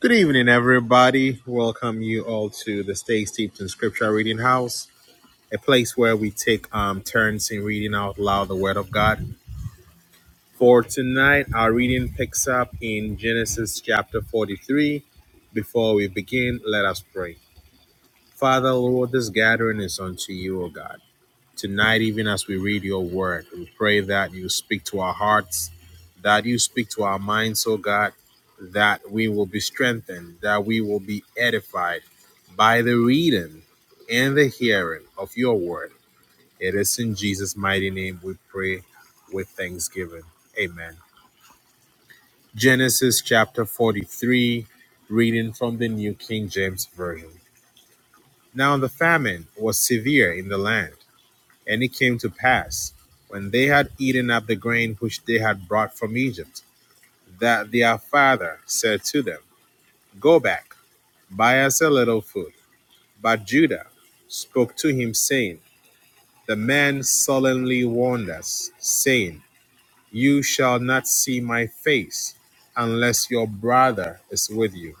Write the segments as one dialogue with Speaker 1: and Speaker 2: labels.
Speaker 1: Good evening, everybody. Welcome you all to the Stay Steeped in Scripture Reading House, a place where we take um, turns in reading out loud the Word of God. For tonight, our reading picks up in Genesis chapter 43. Before we begin, let us pray. Father, Lord, this gathering is unto you, O God tonight, even as we read your word. We pray that you speak to our hearts, that you speak to our minds, oh God, that we will be strengthened, that we will be edified by the reading and the hearing of your word. It is in Jesus' mighty name we pray with thanksgiving. Amen. Genesis chapter 43, reading from the New King James Version. Now the famine was severe in the land And it came to pass, when they had eaten up the grain which they had brought from Egypt, that their father said to them, Go back, buy us a little food. But Judah spoke to him, saying, The man solemnly warned us, saying, You shall not see my face unless your brother is with you.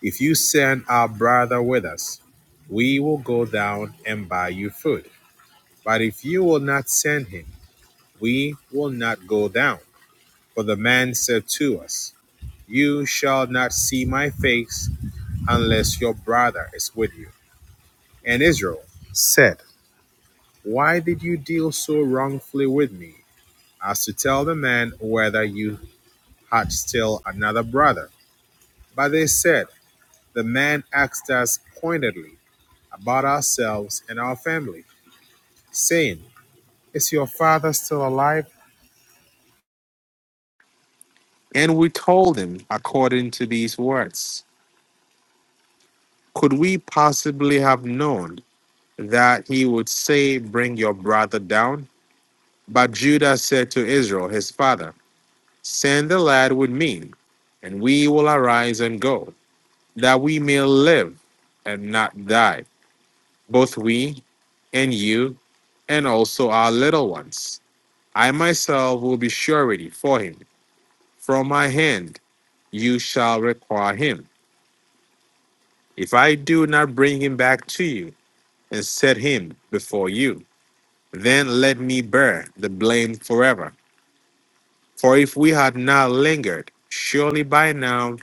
Speaker 1: If you send our brother with us, we will go down and buy you food. But if you will not send him, We will not go down. For the man said to us, You shall not see my face unless your brother is with you. And Israel said, Why did you deal so wrongfully with me, as to tell the man whether you had still another brother? But they said, The man asked us pointedly about ourselves and our family, saying, Is your father still alive? And we told him according to these words. Could we possibly have known that he would say, Bring your brother down? But Judah said to Israel, his father, Send the lad with me, and we will arise and go, that we may live and not die, both we and you, and also our little ones. I myself will be surety for him. From my hand you shall require him, if I do not bring him back to you and set him before you. Then let me bear the blame forever. For if we had not lingered, surely by now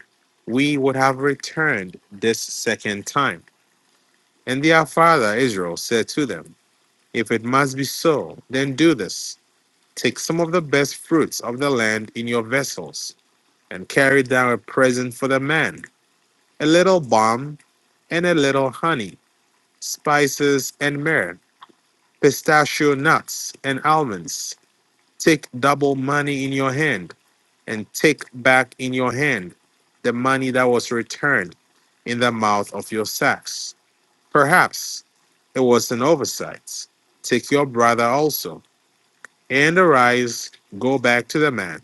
Speaker 1: we would have returned this second time. And their father Israel said to them, If it must be so, then do this. Take some of the best fruits of the land in your vessels, and carry down a present for the man a little balm and a little honey, spices and myrrh, pistachio nuts and almonds. Take double money in your hand and take back in your hand the money that was returned in the mouth of your sacks. Perhaps it was an oversight. Take your brother also, and arise, go back to the man,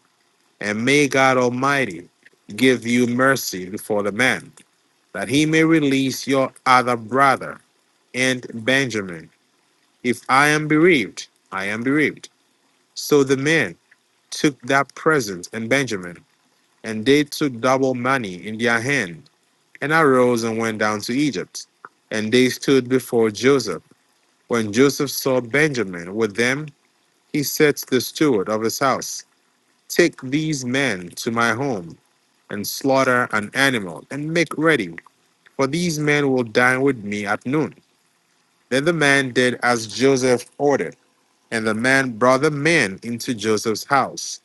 Speaker 1: and may God Almighty give you mercy before the man, that he may release your other brother and Benjamin. If I am bereaved, I am bereaved. So the man took that present and Benjamin And they took double money in their hand, and arose and went down to Egypt. And they stood before Joseph. When Joseph saw Benjamin with them, he said to the steward of his house, Take these men to my home, and slaughter an animal, and make ready, for these men will dine with me at noon. Then the man did as Joseph ordered, and the man brought the men into Joseph's house.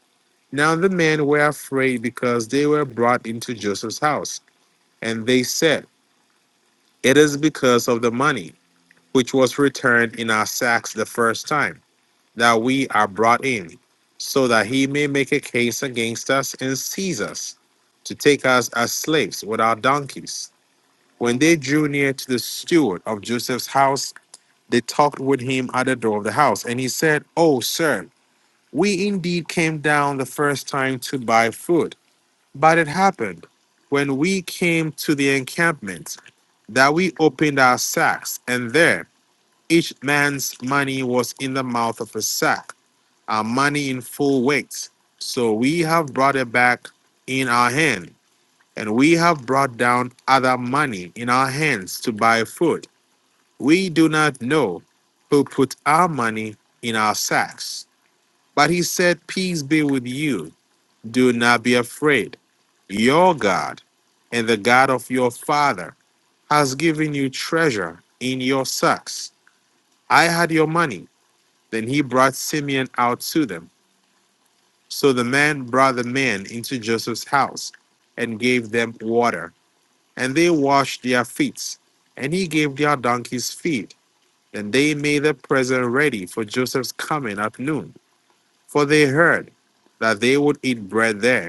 Speaker 1: Now the men were afraid because they were brought into Joseph's house. And they said, It is because of the money which was returned in our sacks the first time that we are brought in, so that he may make a case against us and seize us to take us as slaves with our donkeys. When they drew near to the steward of Joseph's house, they talked with him at the door of the house. And he said, Oh, sir, we indeed came down the first time to buy food. But it happened when we came to the encampment that we opened our sacks, and there each man's money was in the mouth of a sack, our money in full weight. So we have brought it back in our hand, and we have brought down other money in our hands to buy food. We do not know who put our money in our sacks. But he said, Peace be with you. Do not be afraid. Your God and the God of your father has given you treasure in your sacks. I had your money. Then he brought Simeon out to them. So the man brought the men into Joseph's house and gave them water. And they washed their feet. And he gave their donkeys feed. And they made the present ready for Joseph's coming at noon. For they heard that they would eat bread there.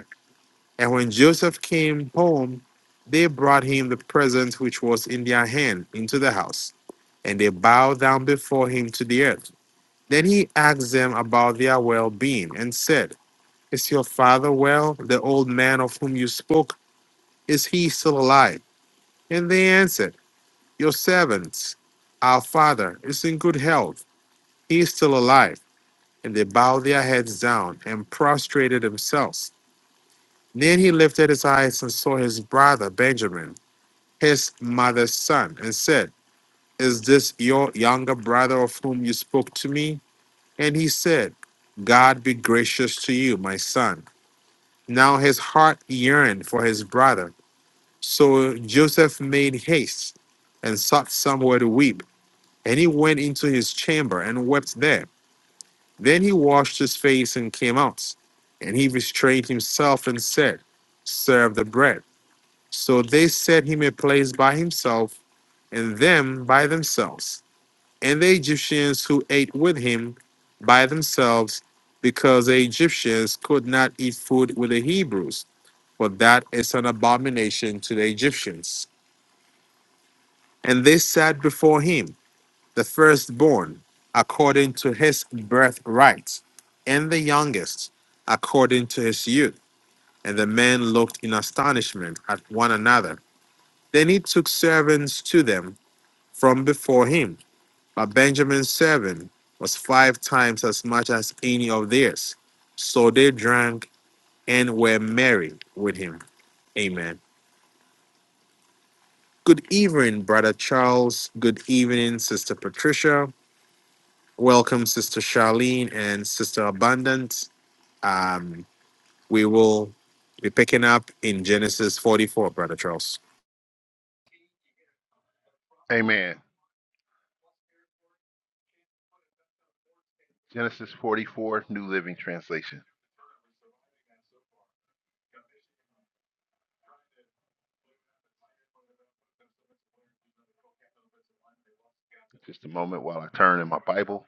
Speaker 1: And when Joseph came home, they brought him the present which was in their hand into the house, and they bowed down before him to the earth. Then he asked them about their well being and said, Is your father well? The old man of whom you spoke, is he still alive? And they answered, Your servants, our father, is in good health. He is still alive. And they bowed their heads down and prostrated themselves. Then he lifted his eyes and saw his brother Benjamin his mother's son and said, Is this your younger brother of whom you spoke to me? And he said, God be gracious to you, my son. Now his heart yearned for his brother. So Joseph made haste and sought somewhere to weep. And he went into his chamber and wept there. Then he washed his face and came out. And he restrained himself and said, Serve the bread. So they set him a place by himself and them by themselves. and the Egyptians who ate with him by themselves, because the Egyptians could not eat food with the Hebrews, for that is an abomination to the Egyptians. And they sat before him, the firstborn, according to his birthright, and the youngest, according to his youth. And the men looked in astonishment at one another. Then he took servants to them from before him But Benjamin's seven was five times as much as any of theirs. So they drank and were merry with him. Amen. Good evening, Brother Charles. Good evening, Sister Patricia. Welcome, Sister Charlene and Sister Abundant. Um, we will be picking up in Genesis 44, Brother Charles.
Speaker 2: Amen. Genesis 44, New Living Translation. Just a moment while I turn in my Bible.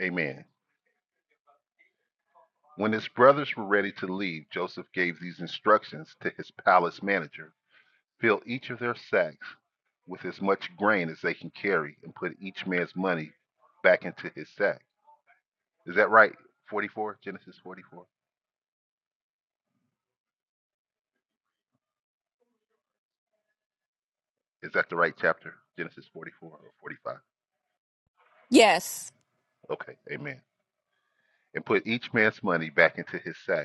Speaker 2: Amen. When his brothers were ready to leave, Joseph gave these instructions to his palace manager Fill each of their sacks with as much grain as they can carry and put each man's money back into his sack. Is that right? 44, Genesis 44? Is that the right chapter? Genesis 44 or 45?
Speaker 3: Yes.
Speaker 2: Okay, amen. And put each man's money back into his sack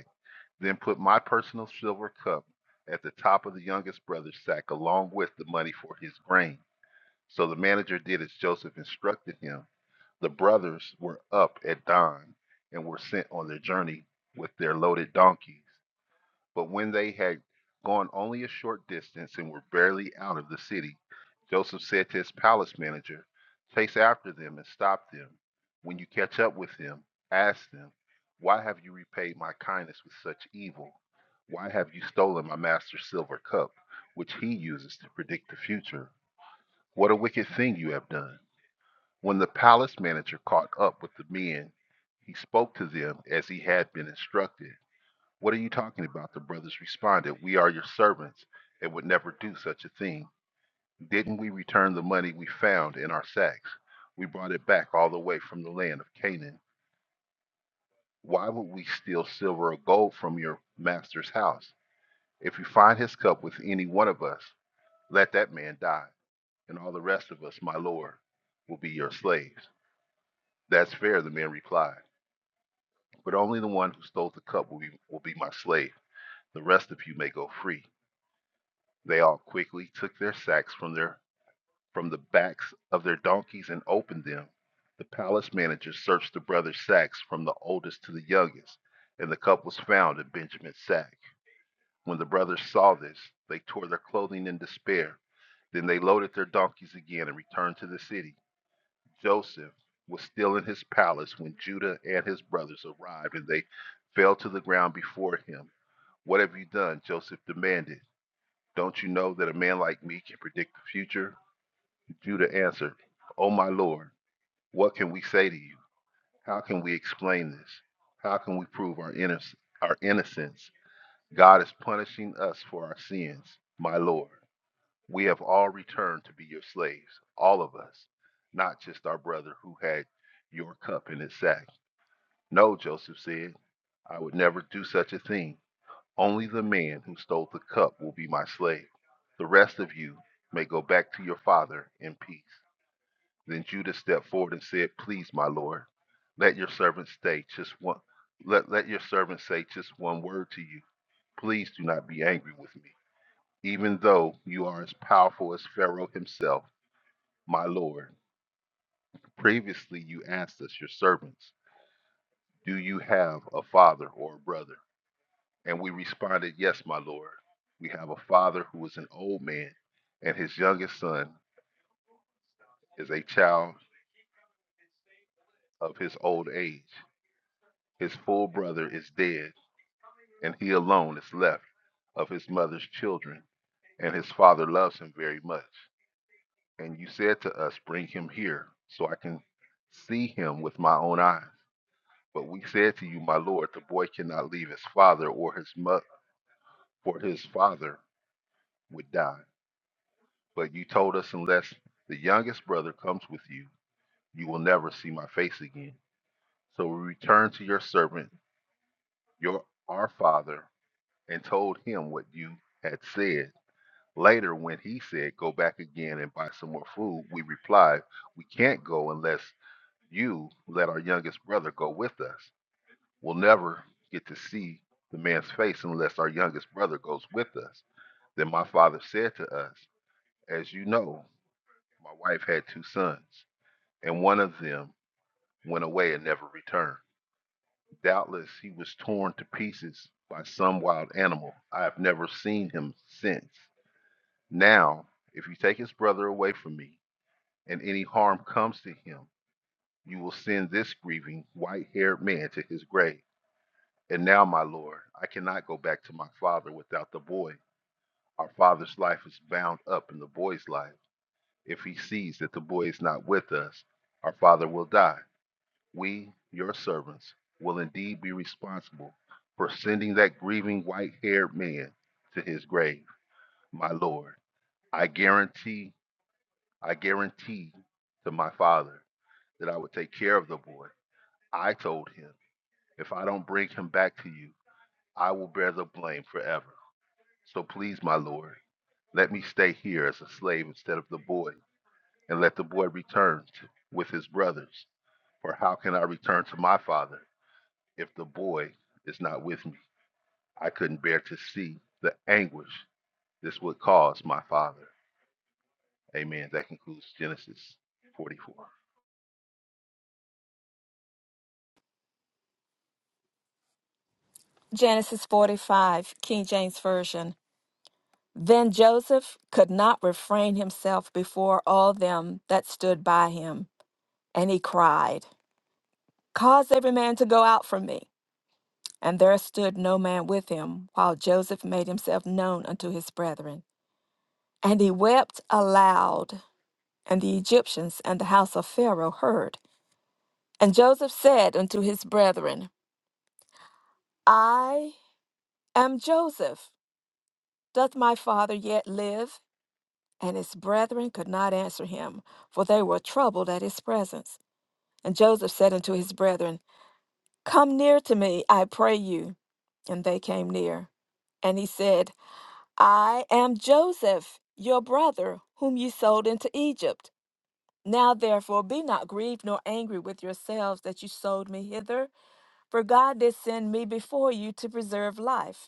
Speaker 2: Then put my personal silver cup at the top of the youngest brother's sack, along with the money for his grain. So the manager did as Joseph instructed him. The brothers were up at dawn and were sent on their journey with their loaded donkeys. But when they had gone only a short distance and were barely out of the city, Joseph said to his palace manager, Chase after them and stop them. When you catch up with them, ask them, 'Why have you repaid my kindness with such evil? Why have you stolen my master's silver cup, which he uses to predict the future? What a wicked thing you have done. When the palace manager caught up with the men, he spoke to them as he had been instructed. What are you talking about? The brothers responded, We are your servants and would never do such a thing. Didn't we return the money we found in our sacks? We brought it back all the way from the land of Canaan. Why would we steal silver or gold from your master's house? If you find his cup with any one of us, let that man die, and all the rest of us, my lord, will be your slaves. That's fair, the man replied. But only the one who stole the cup will be, will be my slave. The rest of you may go free. They all quickly took their sacks from their from the backs of their donkeys and opened them. The palace manager searched the brothers' sacks from the oldest to the youngest, and the cup was found in Benjamin's sack. When the brothers saw this, they tore their clothing in despair. Then they loaded their donkeys again and returned to the city. Joseph was still in his palace when Judah and his brothers arrived, and they fell to the ground before him. What have you done? Joseph demanded. Don't you know that a man like me can predict the future? Judah answered, O my Lord, what can we say to you? How can we explain this? How can we prove our, innoc- our innocence? God is punishing us for our sins, my Lord. We have all returned to be your slaves, all of us, not just our brother who had your cup in his sack. No, Joseph said, I would never do such a thing. Only the man who stole the cup will be my slave. The rest of you may go back to your father in peace. Then Judas stepped forward and said, Please, my Lord, let your servant stay just one let, let your servant say just one word to you. Please do not be angry with me. Even though you are as powerful as Pharaoh himself, my Lord, previously you asked us, your servants, do you have a father or a brother? And we responded, 'Yes, my Lord. We have a father who is an old man, and his youngest son is a child of his old age. His full brother is dead and he alone is left of his mother's children, and his father loves him very much. And you said to us, Bring him here, so I can see him with my own eyes. But we said to you, My Lord, the boy cannot leave his father or his mother, for his father would die. But you told us, Unless the youngest brother comes with you, you will never see my face again. So we returned to your servant, your our father, and told him what you had said. Later, when he said, Go back again and buy some more food, we replied, We can't go unless you let our youngest brother go with us. We'll never get to see the man's face unless our youngest brother goes with us. Then my father said to us, As you know, my wife had two sons, and one of them went away and never returned. Doubtless he was torn to pieces by some wild animal. I have never seen him since. Now, if you take his brother away from me, and any harm comes to him, you will send this grieving, white haired man to his grave. And now, my lord, I cannot go back to my father without the boy. Our father's life is bound up in the boy's life. If he sees that the boy is not with us, our father will die. We, your servants, will indeed be responsible for sending that grieving white haired man to his grave, my lord. I guarantee, I guarantee to my father that I would take care of the boy I told him, If I don't bring him back to you, I will bear the blame forever. So please, my lord, let me stay here as a slave instead of the boy, and let the boy return to, with his brothers. For how can I return to my father if the boy is not with me? I couldn't bear to see the anguish this would cause my father. Amen. That concludes Genesis 44.
Speaker 3: Genesis 45, King James Version. Then Joseph could not refrain himself before all them that stood by him, and he cried, Cause every man to go out from me. And there stood no man with him, while Joseph made himself known unto his brethren. And he wept aloud, and the Egyptians and the house of Pharaoh heard. And Joseph said unto his brethren, I am Joseph. Doth my father yet live? And his brethren could not answer him, for they were troubled at his presence. And Joseph said unto his brethren, Come near to me, I pray you. And they came near. And he said, I am Joseph, your brother, whom ye sold into Egypt. Now therefore be not grieved nor angry with yourselves that you sold me hither, for God did send me before you to preserve life.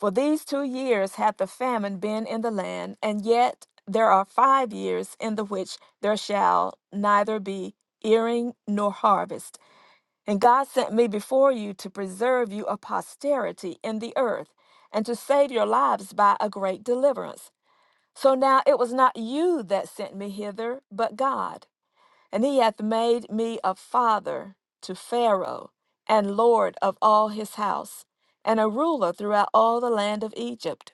Speaker 3: For these two years hath the famine been in the land, and yet there are five years in the which there shall neither be earing nor harvest. And God sent me before you to preserve you a posterity in the earth, and to save your lives by a great deliverance. So now it was not you that sent me hither, but God. And he hath made me a father to Pharaoh, and lord of all his house, and a ruler throughout all the land of Egypt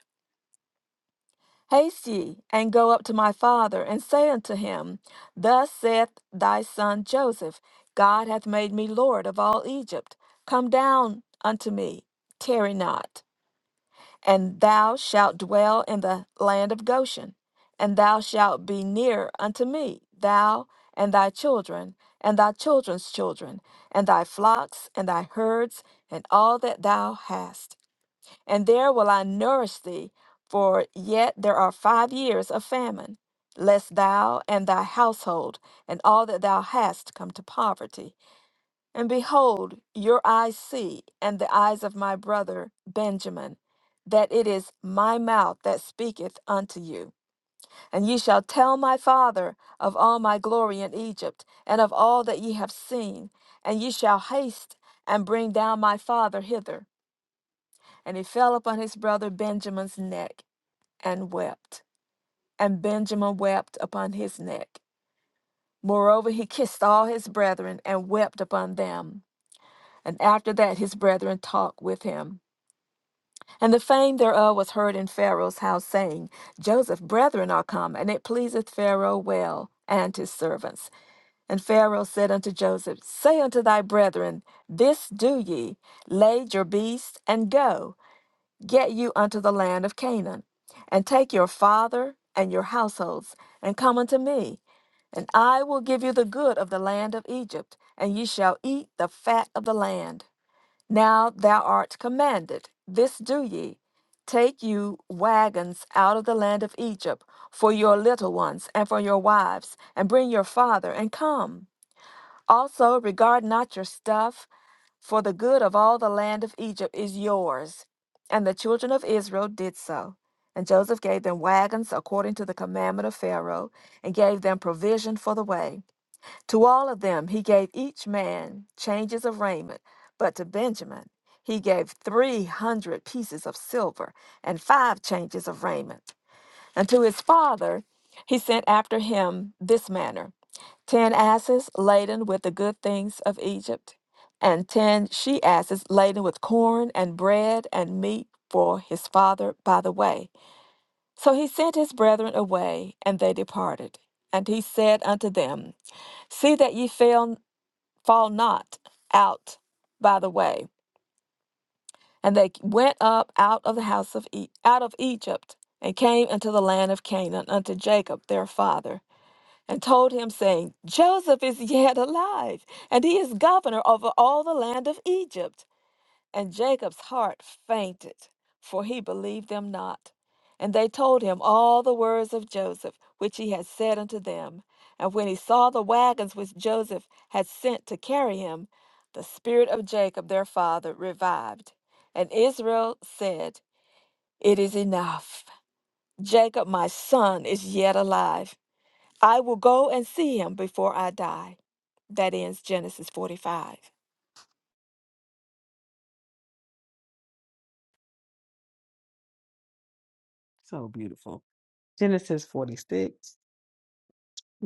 Speaker 3: Haste ye, and go up to my father, and say unto him, Thus saith thy son Joseph, God hath made me Lord of all Egypt. Come down unto me, tarry not. And thou shalt dwell in the land of Goshen, and thou shalt be near unto me, thou and thy children, and thy children's children, and thy flocks, and thy herds, and all that thou hast and there will I nourish thee, for yet there are five years of famine, lest thou and thy household and all that thou hast come to poverty. And behold, your eyes see, and the eyes of my brother Benjamin, that it is my mouth that speaketh unto you. And ye shall tell my father of all my glory in Egypt, and of all that ye have seen, and ye shall haste and bring down my father hither. And he fell upon his brother Benjamin's neck and wept. And Benjamin wept upon his neck. Moreover, he kissed all his brethren and wept upon them. And after that, his brethren talked with him. And the fame thereof was heard in Pharaoh's house, saying, Joseph's brethren are come, and it pleaseth Pharaoh well, and his servants. And Pharaoh said unto Joseph, Say unto thy brethren, This do ye, lay your beasts, and go. Get you unto the land of Canaan, and take your father and your households, and come unto me, and I will give you the good of the land of Egypt, and ye shall eat the fat of the land. Now thou art commanded, this do ye. Take you wagons out of the land of Egypt for your little ones and for your wives, and bring your father, and come. Also regard not your stuff, for the good of all the land of Egypt is yours. And the children of Israel did so. And Joseph gave them wagons according to the commandment of Pharaoh, and gave them provision for the way. To all of them he gave each man changes of raiment, but to Benjamin he gave three hundred pieces of silver and five changes of raiment. And to his father he sent after him this manner ten asses laden with the good things of Egypt, and ten she asses laden with corn and bread and meat for his father by the way. So he sent his brethren away, and they departed. And he said unto them, See that ye fail, fall not out by the way. And they went up out of the house of e- out of Egypt, and came into the land of Canaan unto Jacob their father. and told him, saying, Joseph is yet alive, and he is governor over all the land of Egypt. And Jacob's heart fainted, for he believed them not. And they told him all the words of Joseph, which he had said unto them. And when he saw the wagons which Joseph had sent to carry him, the spirit of Jacob their father revived. And Israel said, It is enough. Jacob, my son, is yet alive I will go and see him before I die. That ends Genesis 45.
Speaker 4: So beautiful. Genesis 46.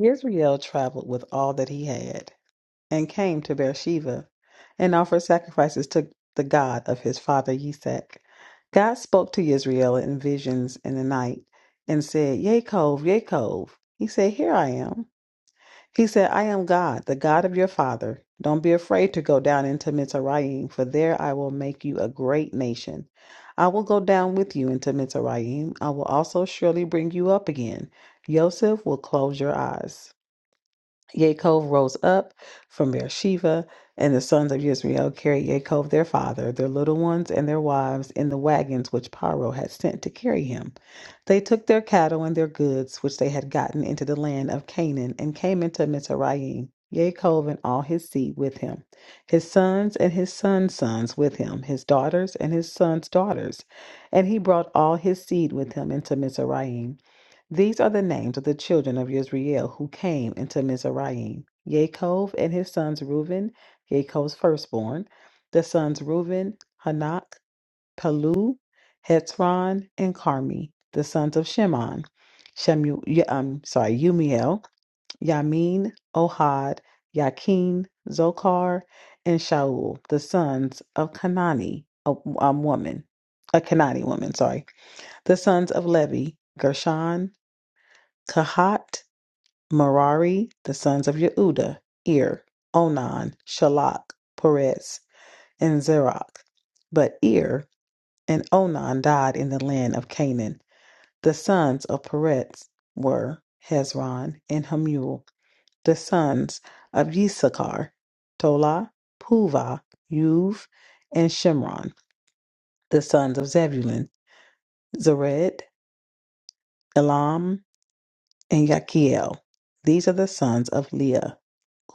Speaker 4: Israel traveled with all that he had and came to Beersheba and offered sacrifices to the God of his father Isaac. God spoke to Israel in visions in the night and said, Yaakov, Yaakov. He said, Here I am. He said, I am God, the God of your father. Don't be afraid to go down into Mizraim, for there I will make you a great nation. I will go down with you into Mizraim. I will also surely bring you up again. Yosef will close your eyes. Yaakov rose up from Beersheba, and the sons of Israel carried Yaakov their father, their little ones, and their wives in the wagons which Paro had sent to carry him. They took their cattle and their goods which they had gotten into the land of Canaan, and came into Mizraim. Yaakov and all his seed with him, his sons and his sons' sons with him, his daughters and his sons' daughters, and he brought all his seed with him into Mizraim. These are the names of the children of Israel who came into Mizraim Yaakov and his sons Reuben, Yaakov's firstborn, the sons Reuben, Hanak, Palu, Hetzron, and Carmi, the sons of Shimon, Shemu, Ye- um, sorry, Umiel, Yamin, Ohad, Yakin, Zokar, and Shaul, the sons of Kanani, a, um, woman, a Kanani woman, sorry, the sons of Levi, Gershon, Kahat, Merari, the sons of Yehuda, Ir, Onan, Shalach, Perez, and Zerach. But Ir and Onan died in the land of Canaan. The sons of Perez were Hezron and Hamul. The sons of Issachar, Tola, Puva, Yuv, and Shimron. The sons of Zebulun, Zered, Elam, and Yakiel. These are the sons of Leah,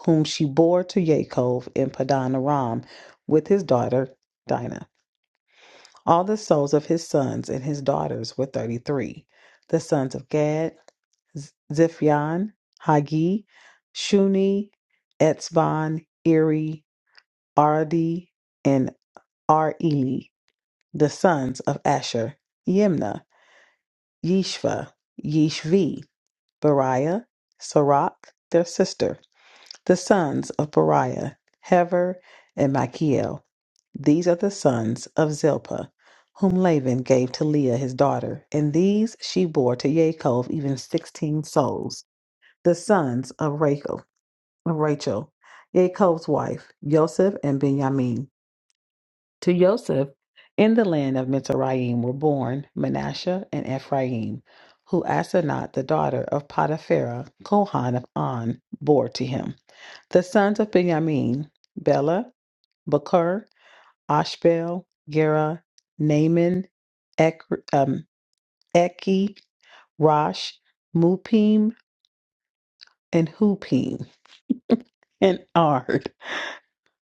Speaker 4: whom she bore to Yaakov in Padan Aram with his daughter Dinah. All the souls of his sons and his daughters were thirty three. The sons of Gad, Z- Ziphion, Hagi, Shuni, Etzbon, Eri, Ardi, and Areli. The sons of Asher, Yimna, Yishva, Yishvi, Beriah, Sirach, their sister, The sons of Beriah, Hever, and Machiel. These are the sons of Zilpah, whom Laban gave to Leah his daughter, and these she bore to Yaakov even sixteen souls. The sons of Rachel, of Rachel, Yaakov's wife, Joseph and Benjamin. To Joseph in the land of Mizraim were born Manasseh and Ephraim, who Asenath, the daughter of Potipharah, Kohan of On, bore to him. The sons of Benjamin, Bela, Bakur, Ashbel, Gera, Naaman, Ek, um, Eki, Rosh, Mupim, and Hupim, and Ard.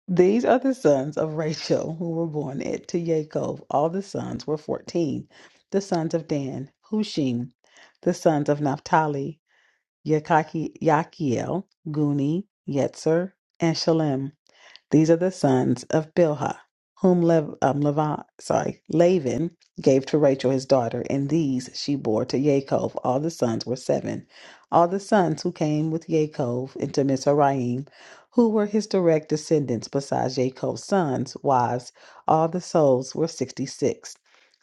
Speaker 4: These are the sons of Rachel who were born at, to Yaakov. All the sons were fourteen. The sons of Dan, Hushim. The sons of Naphtali, Yakaki, Yakiel, Guni, Yetzer, and Shalem. These are the sons of Bilhah, whom Lev, um, Levi, sorry, Laban gave to Rachel his daughter, and these she bore to Yaakov. All the sons were seven. All the sons who came with Yaakov into Mizraim, who were his direct descendants besides Yaakov's sons, wives, all the souls were sixty-six.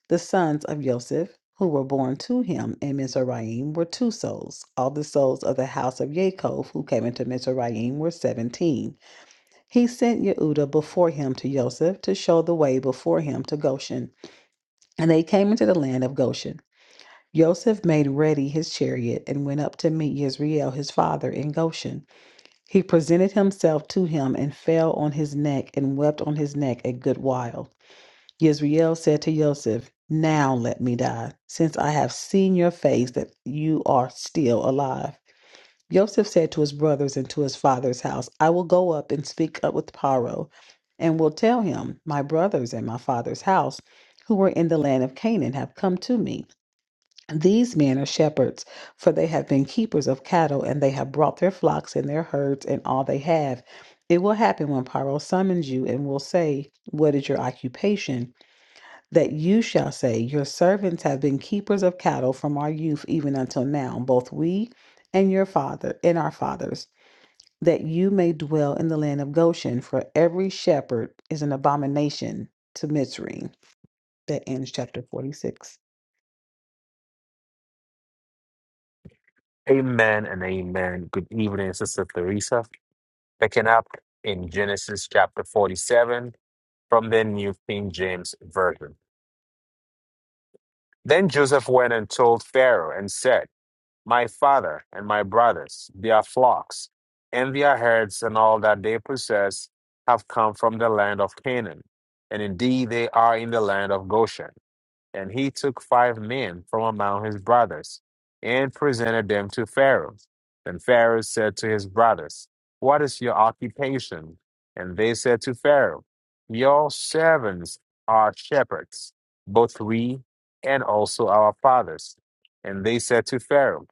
Speaker 4: The sons of Joseph, who were born to him in Mizraim, were two souls. All the souls of the house of Yaakov who came into Mizraim were seventeen. He sent Yehuda before him to Joseph to show the way before him to Goshen. And they came into the land of Goshen. Joseph made ready his chariot and went up to meet Yisrael his father in Goshen. He presented himself to him and fell on his neck and wept on his neck a good while. Yisrael said to Joseph, Now let me die, since I have seen your face that you are still alive. Joseph said to his brothers and to his father's house, I will go up and speak up with Paro, and will tell him, My brothers and my father's house, who were in the land of Canaan, have come to me. These men are shepherds, for they have been keepers of cattle, and they have brought their flocks and their herds and all they have. It will happen when Paro summons you and will say, What is your occupation? That you shall say, Your servants have been keepers of cattle from our youth even until now, both we and your father and our fathers that you may dwell in the land of Goshen, for every shepherd is an abomination to Mitzri. That ends chapter 46.
Speaker 1: Amen and amen. Good evening, Sister Theresa. picking up in Genesis chapter 47 from the New King James Version. Then Joseph went and told Pharaoh and said, My father and my brothers, their flocks, and their herds, and all that they possess have come from the land of Canaan, and indeed they are in the land of Goshen. And he took five men from among his brothers and presented them to Pharaoh. Then Pharaoh said to his brothers, What is your occupation? And they said to Pharaoh, Your servants are shepherds, both we and also our fathers. And they said to Pharaoh,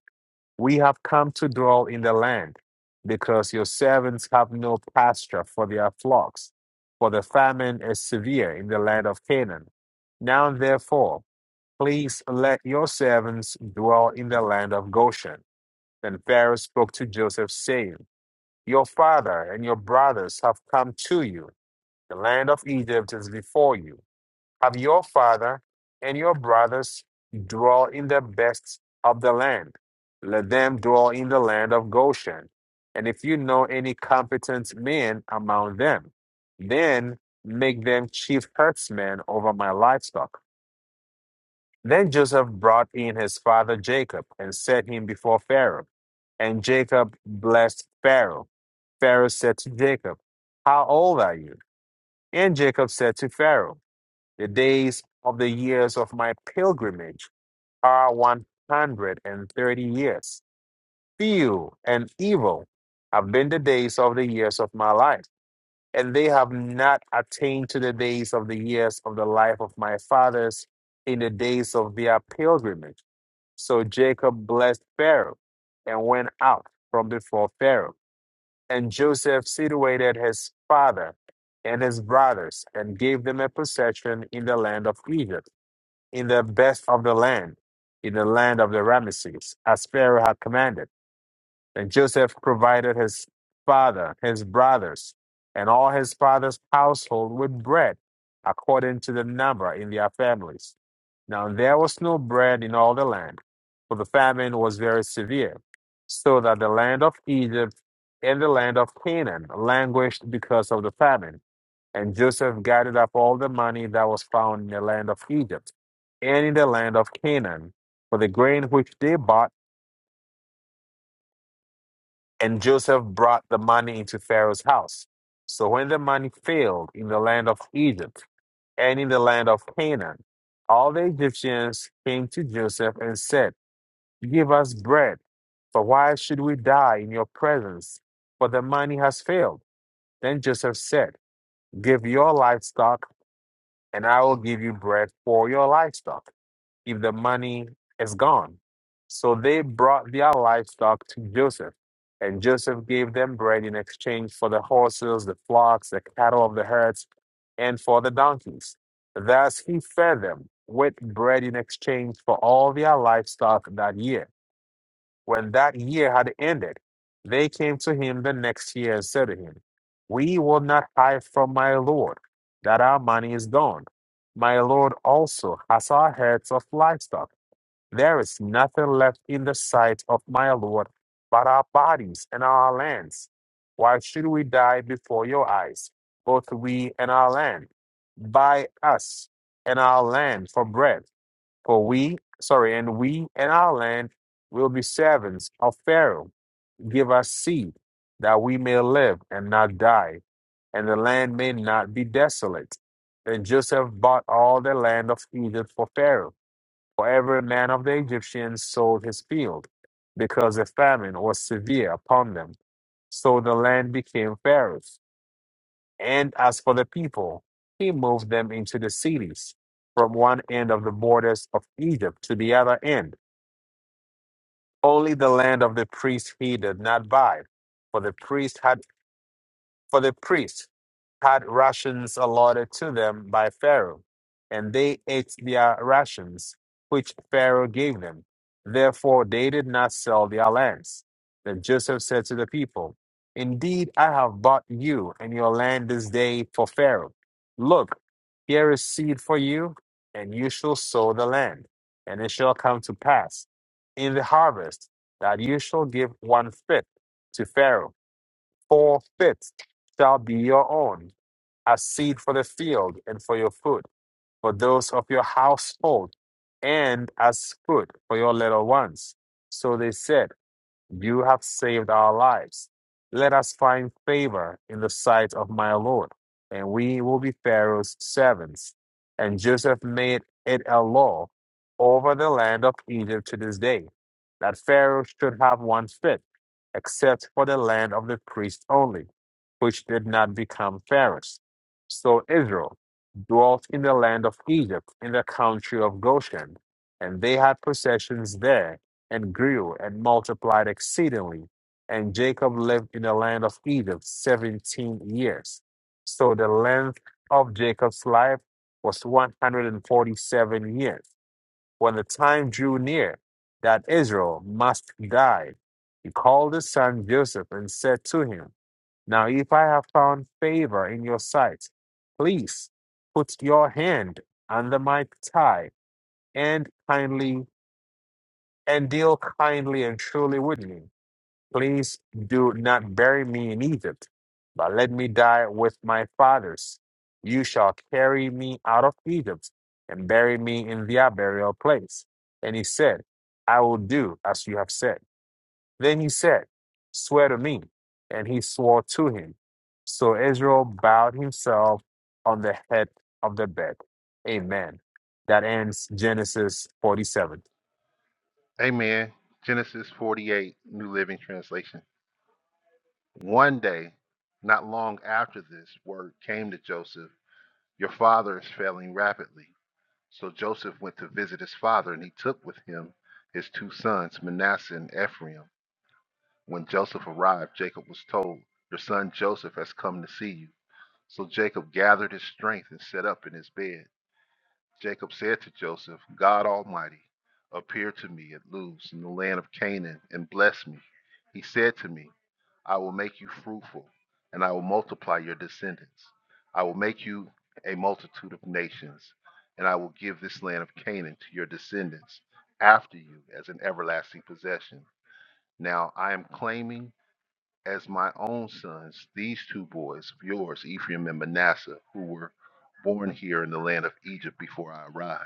Speaker 1: We have come to dwell in the land, because your servants have no pasture for their flocks, for the famine is severe in the land of Canaan. Now, therefore, Please let your servants dwell in the land of Goshen. Then Pharaoh spoke to Joseph, saying, Your father and your brothers have come to you. The land of Egypt is before you. Have your father and your brothers dwell in the best of the land. Let them dwell in the land of Goshen. And if you know any competent men among them, then make them chief herdsmen over my livestock. Then Joseph brought in his father Jacob and set him before Pharaoh. And Jacob blessed Pharaoh. Pharaoh said to Jacob, How old are you? And Jacob said to Pharaoh, The days of the years of my pilgrimage are 130 years. Few and evil have been the days of the years of my life, and they have not attained to the days of the years of the life of my fathers in the days of their pilgrimage. So Jacob blessed Pharaoh and went out from before Pharaoh. And Joseph situated his father and his brothers and gave them a possession in the land of Egypt, in the best of the land, in the land of the Ramesses, as Pharaoh had commanded. And Joseph provided his father, his brothers, and all his father's household with bread, according to the number in their families. Now there was no bread in all the land, for the famine was very severe, so that the land of Egypt and the land of Canaan languished because of the famine. And Joseph gathered up all the money that was found in the land of Egypt and in the land of Canaan, for the grain which they bought And Joseph brought the money into Pharaoh's house. So when the money failed in the land of Egypt and in the land of Canaan, all the Egyptians came to Joseph and said, Give us bread, for why should we die in your presence? For the money has failed. Then Joseph said, Give your livestock, and I will give you bread for your livestock if the money is gone. So they brought their livestock to Joseph, and Joseph gave them bread in exchange for the horses, the flocks, the cattle of the herds, and for the donkeys. Thus he fed them with bread in exchange for all their livestock that year. When that year had ended, they came to him the next year and said to him, We will not hide from my Lord that our money is gone. My Lord also has our herds of livestock there is nothing left in the sight of my Lord but our bodies and our lands. Why should we die before your eyes, both we and our land? Buy us and our land for bread, for we, sorry, and we and our land will be servants of Pharaoh. Give us seed that we may live and not die, and the land may not be desolate. Then Joseph bought all the land of Egypt for Pharaoh for every man of the Egyptians sold his field, because a famine was severe upon them. So the land became Pharaoh's. And as for the people, he moved them into the cities, from one end of the borders of Egypt to the other end. Only the land of the priests he did not buy, for the priests had For the priests had rations allotted to them by Pharaoh, and they ate their rations, which Pharaoh gave them. Therefore, they did not sell their lands. Then Joseph said to the people, Indeed, I have bought you and your land this day for Pharaoh. Look, here is seed for you, and you shall sow the land. And it shall come to pass in the harvest that you shall give one fifth to Pharaoh Four fifths shall be your own, as seed for the field and for your food, for those of your household, and as food for your little ones. So they said, you have saved our lives. Let us find favor in the sight of my Lord, and we will be Pharaoh's servants. And Joseph made it a law over the land of Egypt to this day that Pharaoh should have one fifth, except for the land of the priests only, which did not become Pharaoh's. So Israel dwelt in the land of Egypt, in the country of Goshen, and they had possessions there and grew and multiplied exceedingly. And Jacob lived in the land of Egypt 17 years. So the length of Jacob's life was 147 years. When the time drew near that Israel must die, he called his son Joseph and said to him, Now, if I have found favor in your sight, please put your hand under my thigh and kindly and deal kindly and truly with me Please do not bury me in Egypt, but let me die with my fathers. You shall carry me out of Egypt and bury me in their burial place. And he said, I will do as you have said. Then he said, Swear to me. And he swore to him. So Israel bowed himself on the head of the bed. Amen. That ends Genesis 47.
Speaker 2: Amen. Genesis 48, New Living Translation. One day, not long after this, word came to Joseph, Your father is failing rapidly. So Joseph went to visit his father, and he took with him his two sons, Manasseh and Ephraim. When Joseph arrived, Jacob was told, Your son Joseph has come to see you. So Jacob gathered his strength and sat up in his bed. Jacob said to Joseph, God Almighty appeared to me at Luz in the land of Canaan and blessed me. He said to me, I will make you fruitful, and I will multiply your descendants. I will make you a multitude of nations, and I will give this land of Canaan to your descendants after you as an everlasting possession. Now I am claiming as my own sons these two boys of yours, Ephraim and Manasseh, who were born here in the land of Egypt before I arrived.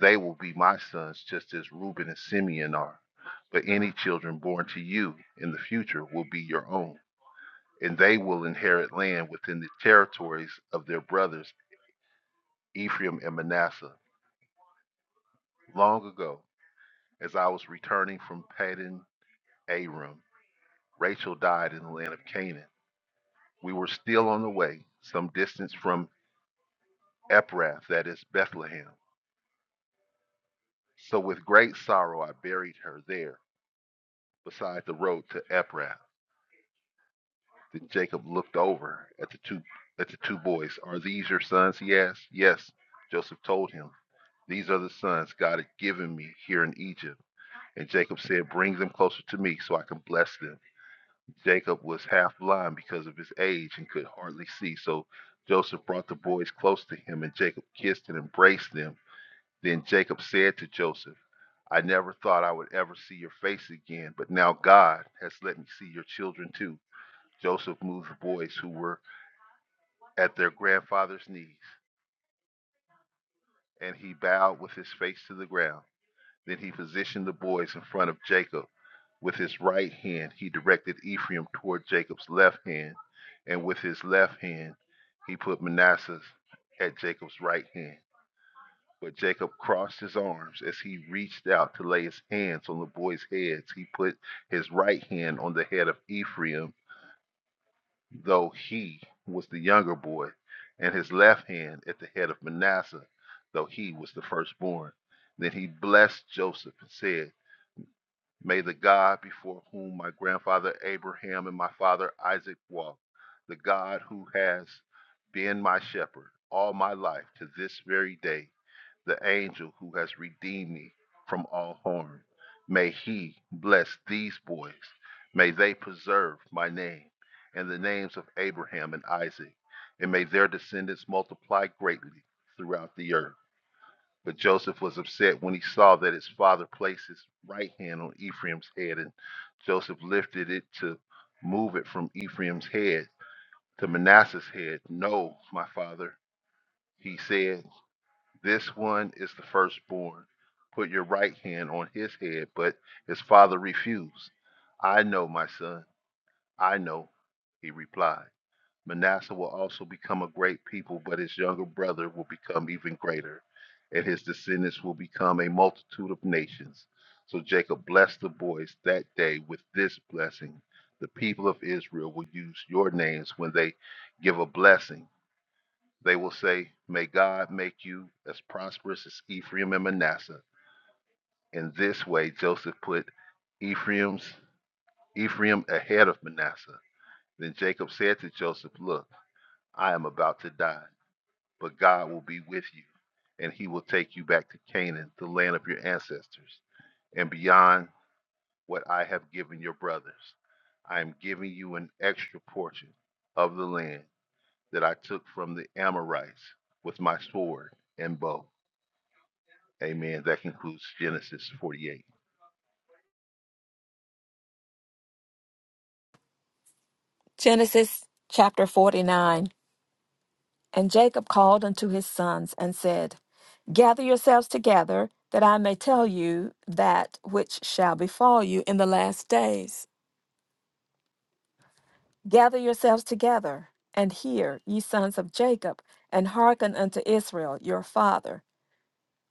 Speaker 2: They will be my sons just as Reuben and Simeon are, but any children born to you in the future will be your own and they will inherit land within the territories of their brothers Ephraim and Manasseh. Long ago, as I was returning from Paddan Aram, Rachel died in the land of Canaan. We were still on the way, some distance from Ephrath, that is Bethlehem. So with great sorrow I buried her there, beside the road to Ephrath. Then Jacob looked over at the two at the two boys. Are these your sons? He asked. Yes, Joseph told him. These are the sons God had given me here in Egypt. And Jacob said, Bring them closer to me so I can bless them. Jacob was half blind because of his age and could hardly see. So Joseph brought the boys close to him, and Jacob kissed and embraced them. Then Jacob said to Joseph, I never thought I would ever see your face again, but now God has let me see your children too. Joseph moved the boys who were at their grandfather's knees, and he bowed with his face to the ground. Then he positioned the boys in front of Jacob. With his right hand, he directed Ephraim toward Jacob's left hand, and with his left hand, he put Manasseh at Jacob's right hand. But Jacob crossed his arms as he reached out to lay his hands on the boys' heads. He put his right hand on the head of Ephraim, though he was the younger boy, and his left hand at the head of Manasseh, though he was the firstborn. Then he blessed Joseph and said, May the God before whom my grandfather Abraham and my father Isaac walked, the God who has been my shepherd all my life to this very day, the angel who has redeemed me from all harm, may he bless these boys. May they preserve my name and the names of Abraham and Isaac, and may their descendants multiply greatly throughout the earth. But Joseph was upset when he saw that his father placed his right hand on Ephraim's head, and Joseph lifted it to move it from Ephraim's head to Manasseh's head. No, my father, he said, this one is the firstborn. Put your right hand on his head. But his father refused. I know, my son, I know, he replied. Manasseh will also become a great people, but his younger brother will become even greater, and his descendants will become a multitude of nations. So Jacob blessed the boys that day with this blessing. The people of Israel will use your names when they give a blessing. They will say, May God make you as prosperous as Ephraim and Manasseh. In this way, Joseph put Ephraim's Ephraim ahead of Manasseh. Then Jacob said to Joseph, Look, I am about to die but God will be with you, and He will take you back to Canaan, the land of your ancestors, and beyond what I have given your brothers. I am giving you an extra portion of the land that I took from the Amorites with my sword and bow. Amen. That concludes Genesis 48.
Speaker 3: Genesis chapter 49. And Jacob called unto his sons and said, Gather yourselves together, that I may tell you that which shall befall you in the last days. Gather yourselves together, and hear, ye sons of Jacob, and hearken unto Israel your father.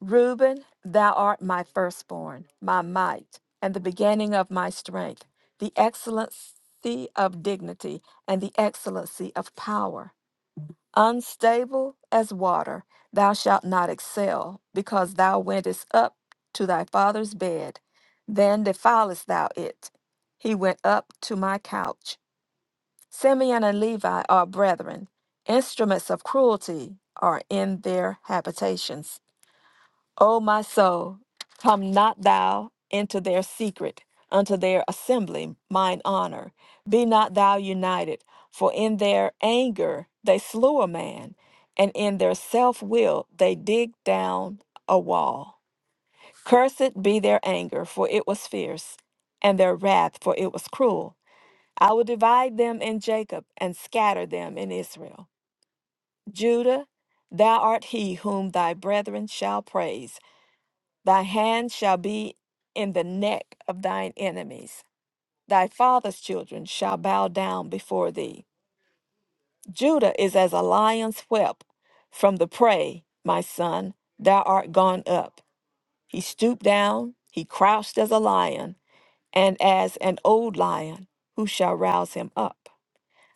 Speaker 3: Reuben, thou art my firstborn, my might, and the beginning of my strength, the excellency of dignity, and the excellency of power. Unstable as water, thou shalt not excel, because thou wentest up to thy father's bed, then defilest thou it. He went up to my couch. Simeon and Levi are brethren, instruments of cruelty are in their habitations. O my soul, come not thou into their secret, unto their assembly, mine honor. Be not thou united, for in their anger they slew a man, and in their self will they digged down a wall. Cursed be their anger, for it was fierce, and their wrath, for it was cruel. I will divide them in Jacob, and scatter them in Israel. Judah, thou art he whom thy brethren shall praise. Thy hand shall be in the neck of thine enemies. Thy father's children shall bow down before thee. Judah is as a lion's whelp from the prey, my son. Thou art gone up. He stooped down, he crouched as a lion, and as an old lion, who shall rouse him up?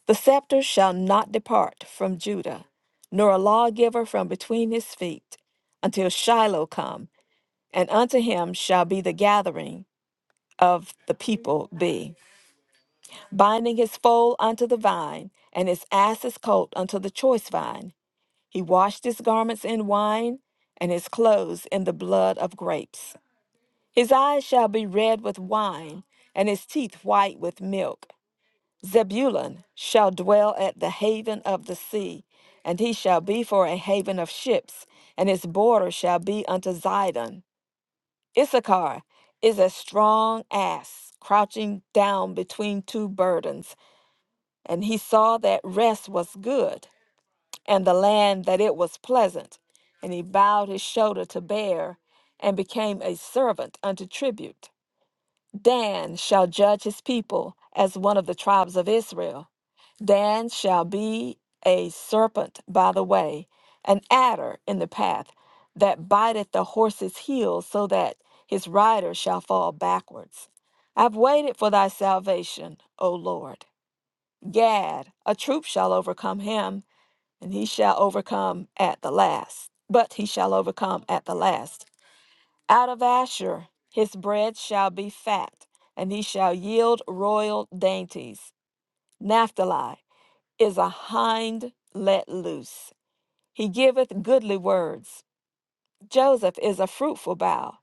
Speaker 3: The scepter shall not depart from Judah, nor a lawgiver from between his feet, until Shiloh come, and unto him shall be the gathering of the people be, binding his foal unto the vine, and his ass's colt unto the choice vine. He washed his garments in wine, and his clothes in the blood of grapes. His eyes shall be red with wine, and his teeth white with milk. Zebulun shall dwell at the haven of the sea, and he shall be for a haven of ships, and his border shall be unto Zidon. Issachar is a strong ass crouching down between two burdens, and he saw that rest was good, and the land that it was pleasant, and he bowed his shoulder to bear, and became a servant unto tribute. Dan shall judge his people as one of the tribes of Israel. Dan shall be a serpent by the way, an adder in the path, that biteth the horse's heel, so that his rider shall fall backwards. I've waited for thy salvation, O Lord. Gad, a troop shall overcome him, and he shall overcome at the last. But he shall overcome at the last. Out of Asher his bread shall be fat, and he shall yield royal dainties. Naphtali is a hind let loose. He giveth goodly words. Joseph is a fruitful bough,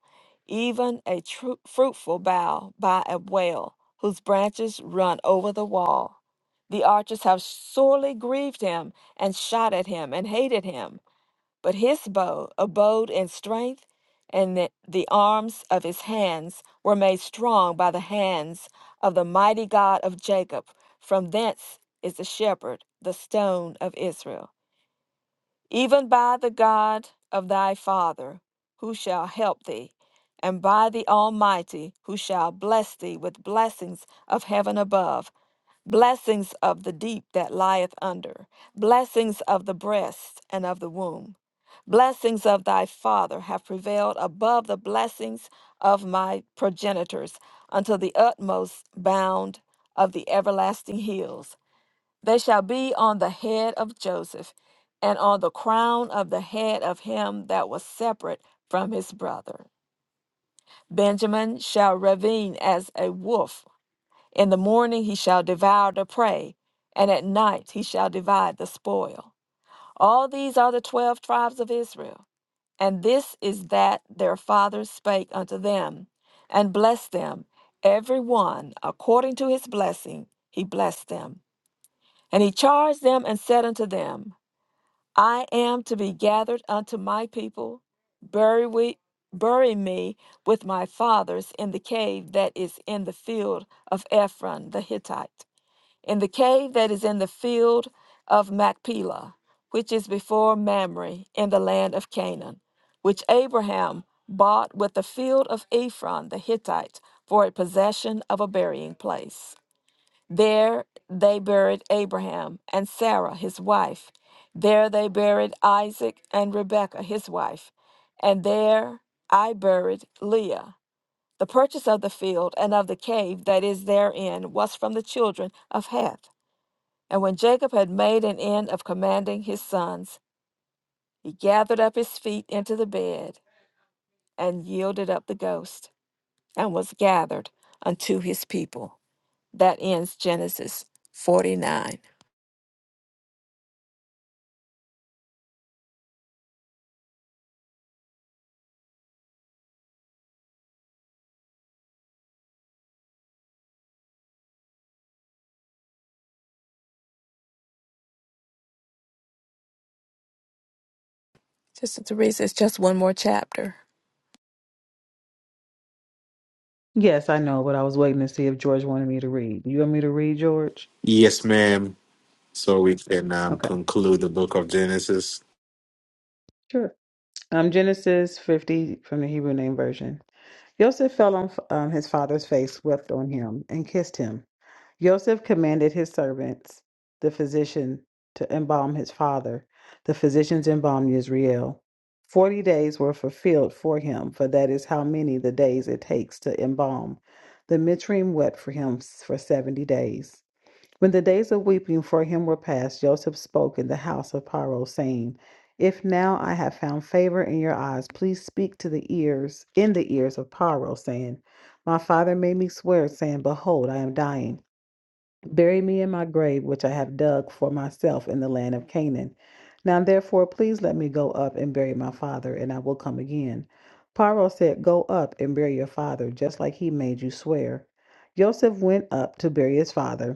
Speaker 3: even a tru- fruitful bough by a well, whose branches run over the wall. The archers have sorely grieved him, and shot at him, and hated him. But his bow abode in strength, and the, the arms of his hands were made strong by the hands of the mighty God of Jacob. From thence is the shepherd, the stone of Israel. Even by the God of thy father, who shall help thee, and by the Almighty, who shall bless thee with blessings of heaven above, blessings of the deep that lieth under, blessings of the breast and of the womb. Blessings of thy father have prevailed above the blessings of my progenitors unto the utmost bound of the everlasting hills. They shall be on the head of Joseph and on the crown of the head of him that was separate from his brother. Benjamin shall ravine as a wolf in the morning he shall devour the prey, and at night he shall divide the spoil. All these are the twelve tribes of Israel, and this is that their fathers spake unto them, and blessed them, every one according to his blessing, he blessed them. And he charged them and said unto them, I am to be gathered unto my people, bury we bury me with my fathers in the cave that is in the field of Ephron the Hittite in the cave that is in the field of Machpelah, which is before Mamre in the land of Canaan, which Abraham bought with the field of Ephron the Hittite for a possession of a burying place. There they buried Abraham and Sarah his wife. There they buried Isaac and Rebekah his wife. And there I buried Leah. The purchase of the field and of the cave that is therein was from the children of Heth and when Jacob had made an end of commanding his sons, he gathered up his feet into the bed and yielded up the ghost and was gathered unto his people. That ends Genesis 49. Just Teresa, it's just one more chapter.
Speaker 4: Yes, I know, but I was waiting to see if George wanted me to read. You want me to read, George?
Speaker 1: Yes, ma'am. So we can um,
Speaker 4: Okay,
Speaker 1: conclude the book of Genesis.
Speaker 4: sure. Um, Genesis 50 from the Hebrew Name Version. Joseph fell on um, his father's face, wept on him, and kissed him. Joseph commanded his servants, the physician, to embalm his father. The physicians embalmed Israel. Forty days were fulfilled for him, for that is how many the days it takes to embalm. The Mitzrim wept for him for seventy days. When the days of weeping for him were past, Joseph spoke in the house of Paro, saying, If now I have found favor in your eyes, please speak to the ears, in the ears of Paro, saying, My father made me swear, saying, Behold, I am dying. Bury me in my grave, which I have dug for myself in the land of Canaan. Now, therefore, please let me go up and bury my father, and I will come again. Paro said, Go up and bury your father, just like he made you swear. Joseph went up to bury his father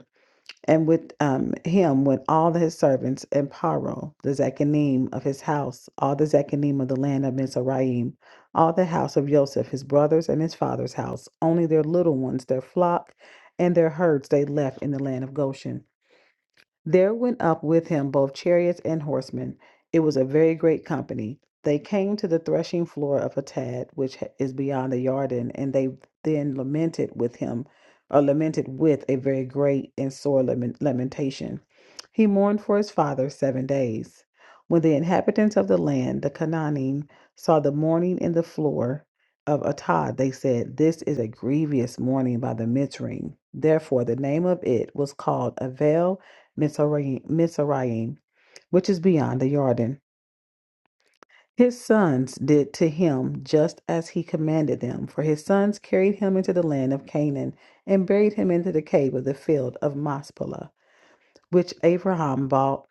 Speaker 4: and with um, him went all his servants and Paro, the Zekanim of his house, all the Zekanim of the land of Mizraim, all the house of Joseph, his brothers and his father's house, only their little ones, their flock, and their herds they left in the land of Goshen. There went up with him both chariots and horsemen. It was a very great company. They came to the threshing floor of Atad, which h- is beyond the Yarden, and they then lamented with him, or lamented with a very great and sore lament- lamentation. He mourned for his father seven days. When the inhabitants of the land, the Canaanim, saw the mourning in the floor of Atad, they said, This is a grievous mourning by the Mitzrayim. Therefore, the name of it was called Avel Mizraim, which is beyond the Jordan. His sons did to him just as he commanded them, for his sons carried him into the land of Canaan and buried him into the cave of the field of Maspelah, which Abraham bought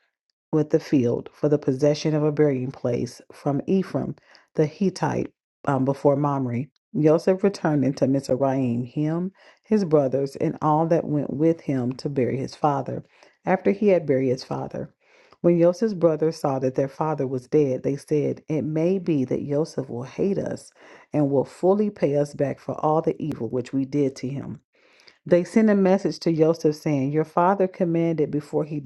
Speaker 4: with the field for the possession of a burying place from Ephraim the Hittite um, before Mamre. Joseph returned into Mizraim, him, his brothers, and all that went with him to bury his father, after he had buried his father. When Joseph's brothers saw that their father was dead, they said, It may be that Joseph will hate us and will fully pay us back for all the evil which we did to him. They sent a message to Joseph saying, Your father commanded before he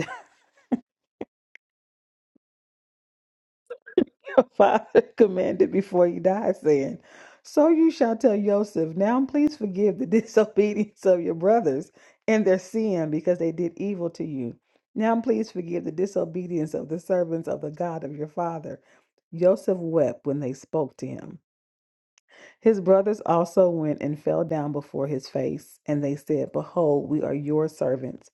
Speaker 4: Father commanded before he died, saying, So you shall tell Joseph, Now please forgive the disobedience of your brothers and their sin, because they did evil to you. Now please forgive the disobedience of the servants of the God of your father. Joseph wept when they spoke to him. His brothers also went and fell down before his face, and they said, Behold, we are your servants.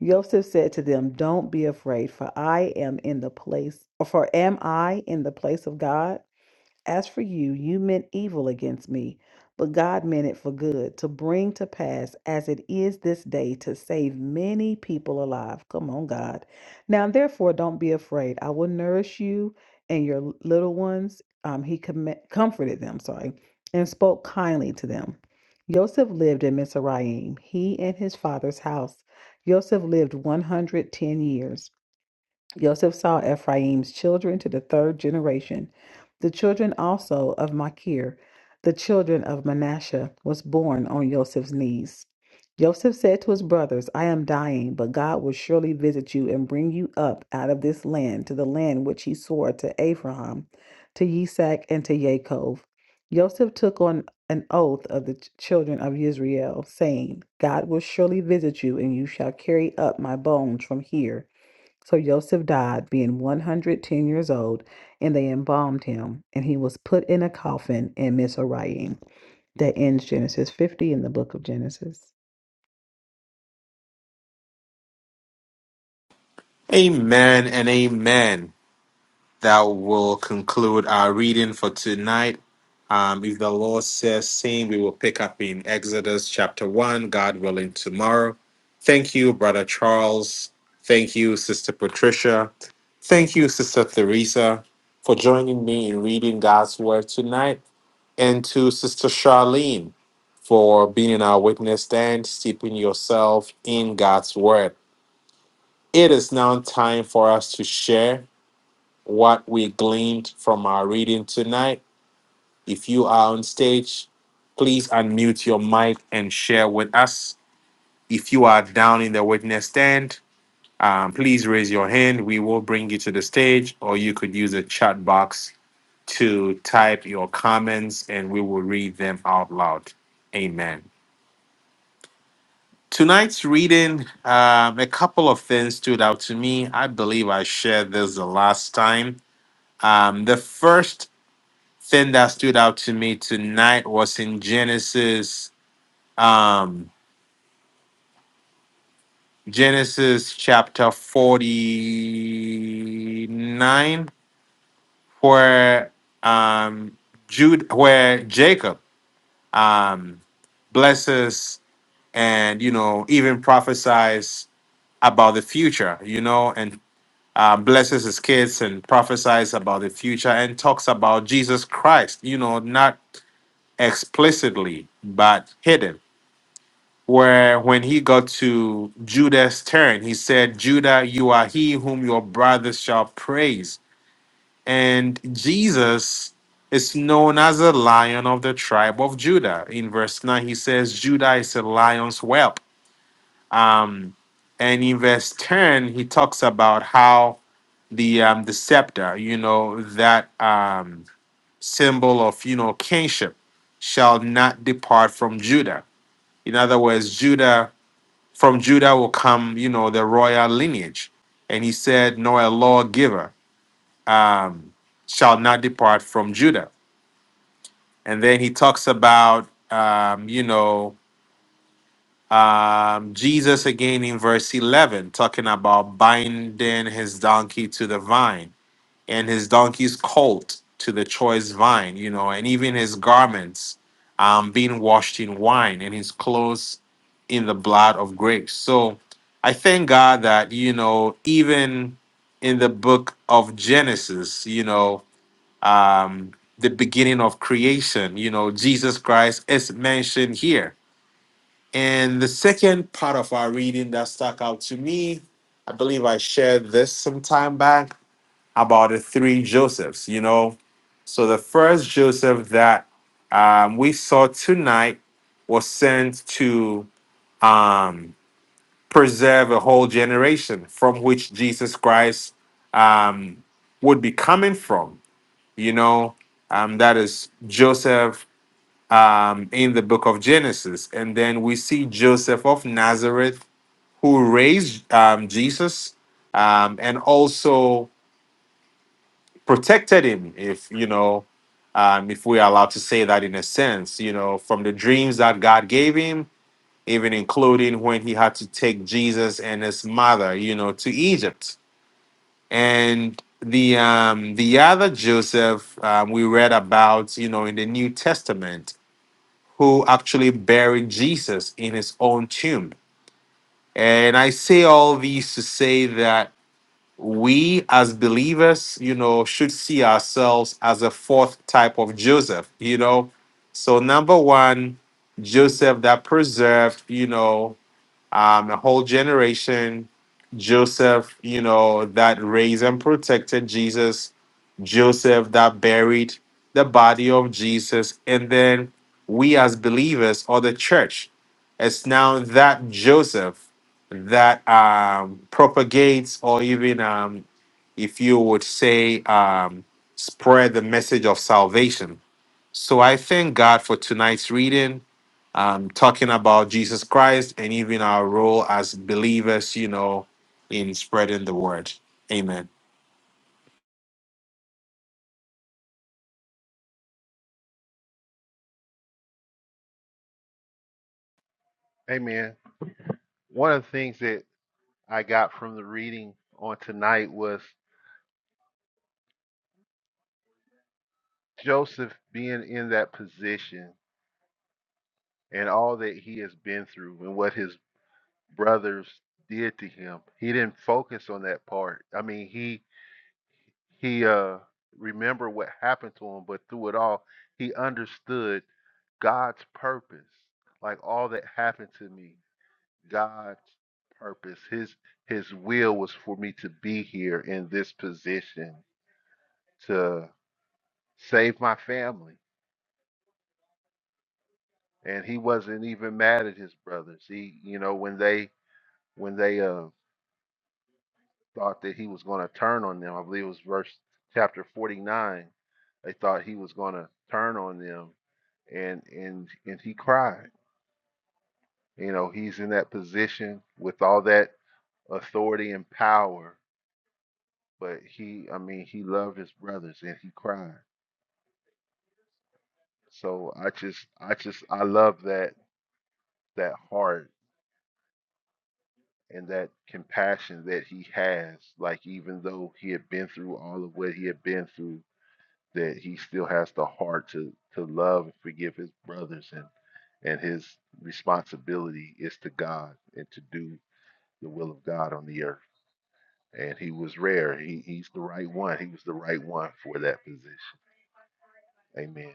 Speaker 4: Joseph said to them, Don't be afraid, for I am in the place, for am I in the place of God? As for you, you meant evil against me, but God meant it for good, to bring to pass as it is this day, to save many people alive. Come on, God. Now, therefore, don't be afraid. I will nourish you and your little ones. Um, he com- comforted them, sorry, and spoke kindly to them. Joseph lived in Mizraim, he and his father's house. Joseph lived 110 years. Joseph saw Ephraim's children to the third generation, the children also of Machir, the children of Manasseh, was born on Joseph's knees. Joseph said to his brothers, I am dying, but God will surely visit you and bring you up out of this land to the land which he swore to Abraham, to Isaac, and to Jacob." Joseph took on an oath of the ch- children of Israel, saying, God will surely visit you, and you shall carry up my bones from here so Joseph died, being 110 years old, and they embalmed him, and he was put in a coffin in Mizraim. That ends Genesis 50 in the book of Genesis.
Speaker 1: Amen and amen. That will conclude our reading for tonight. Um, if the Lord says same, we will pick up in Exodus chapter 1, God willing, tomorrow. Thank you, Brother Charles. Thank you, Sister Patricia. Thank you, Sister Theresa, for joining me in reading God's Word tonight. And to Sister Charlene for being in our witness stand, steeping yourself in God's Word. It is now time for us to share. what we gleaned from our reading tonight. If you are on stage, please unmute your mic and share with us. If you are down in the witness stand, um, please raise your hand. We will bring you to the stage, or you could use the chat box to type your comments and we will read them out loud. Amen. Tonight's reading, um, a couple of things stood out to me. I believe I shared this the last time. Um, the first thing that stood out to me tonight was in Genesis, um, Genesis chapter 49, where um, Jude, where Jacob um, blesses and you know even prophesies about the future, you know, and uh, blesses his kids and prophesies about the future and talks about Jesus Christ, you know, not explicitly but hidden where when he got to Judah's turn, he said, Judah, you are he whom your brothers shall praise. And Jesus is known as a lion of the tribe of Judah. In verse 9, he says, Judah is a lion's whelp. Um, and in verse 10, he talks about how the um, the scepter, you know, that um, symbol of, you know, kingship shall not depart from Judah. In other words, Judah from Judah will come, you know, the royal lineage. And he said, nor a lawgiver um, shall not depart from Judah. And then he talks about, um, you know, um, Jesus again in verse 11, talking about binding his donkey to the vine and his donkey's colt to the choice vine, you know, and even his garments um, being washed in wine and his clothes in the blood of grapes. So I thank God that, you know, even in the book of Genesis, you know, um, the beginning of creation, you know, Jesus Christ is mentioned here. And the second part of our reading that stuck out to me, I believe I shared this some time back about the three Josephs, you know. So the first Joseph that um, we saw tonight was sent to um, preserve a whole generation from which Jesus Christ um, would be coming from, you know. Um, that is Joseph um, in the book of Genesis. And then we see Joseph of Nazareth who raised um, Jesus um, and also protected him if you know um, if we're allowed to say that in a sense you know from the dreams that god gave him even including when he had to take jesus and his mother you know to egypt and the um the other joseph um, we read about you know in the new testament who actually buried jesus in his own tomb and i say all these to say that we as believers, you know, should see ourselves as a fourth type of Joseph, you know. So, number one, Joseph that preserved, you know, um, a whole generation. Joseph, you know, that raised and protected Jesus. Joseph that buried the body of Jesus. And then we as believers or the church, it's now that Joseph that um, propagates or even, um, if you would say, um, spread the message of salvation so I thank God for tonight's reading, um, talking about Jesus Christ and even our role as believers, you know, in spreading the word. Amen.
Speaker 2: Amen. One of the things that I got from the reading on tonight was Joseph being in that position and all that he has been through and what his brothers did to him. He didn't focus on that part. I mean, he he uh remembered what happened to him, but through it all, he understood God's purpose. Like all that happened to me, God's purpose. His his will was for me to be here in this position to save my family and he wasn't even mad at his brothers. He, you know, when they when they uh thought that he was going to turn on them, I believe it was verse chapter 49. They thought he was going to turn on them, and and and he cried. You know, he's in that position with all that authority and power, but he, I mean, he loved his brothers and he cried. So I just, I just, I love that that heart and that compassion that he has like even though he had been through all of what he had been through that he still has the heart to to love and forgive his brothers and and his responsibility is to God and to do the will of God on the earth and he was rare he he's the right one he was the right one for that position amen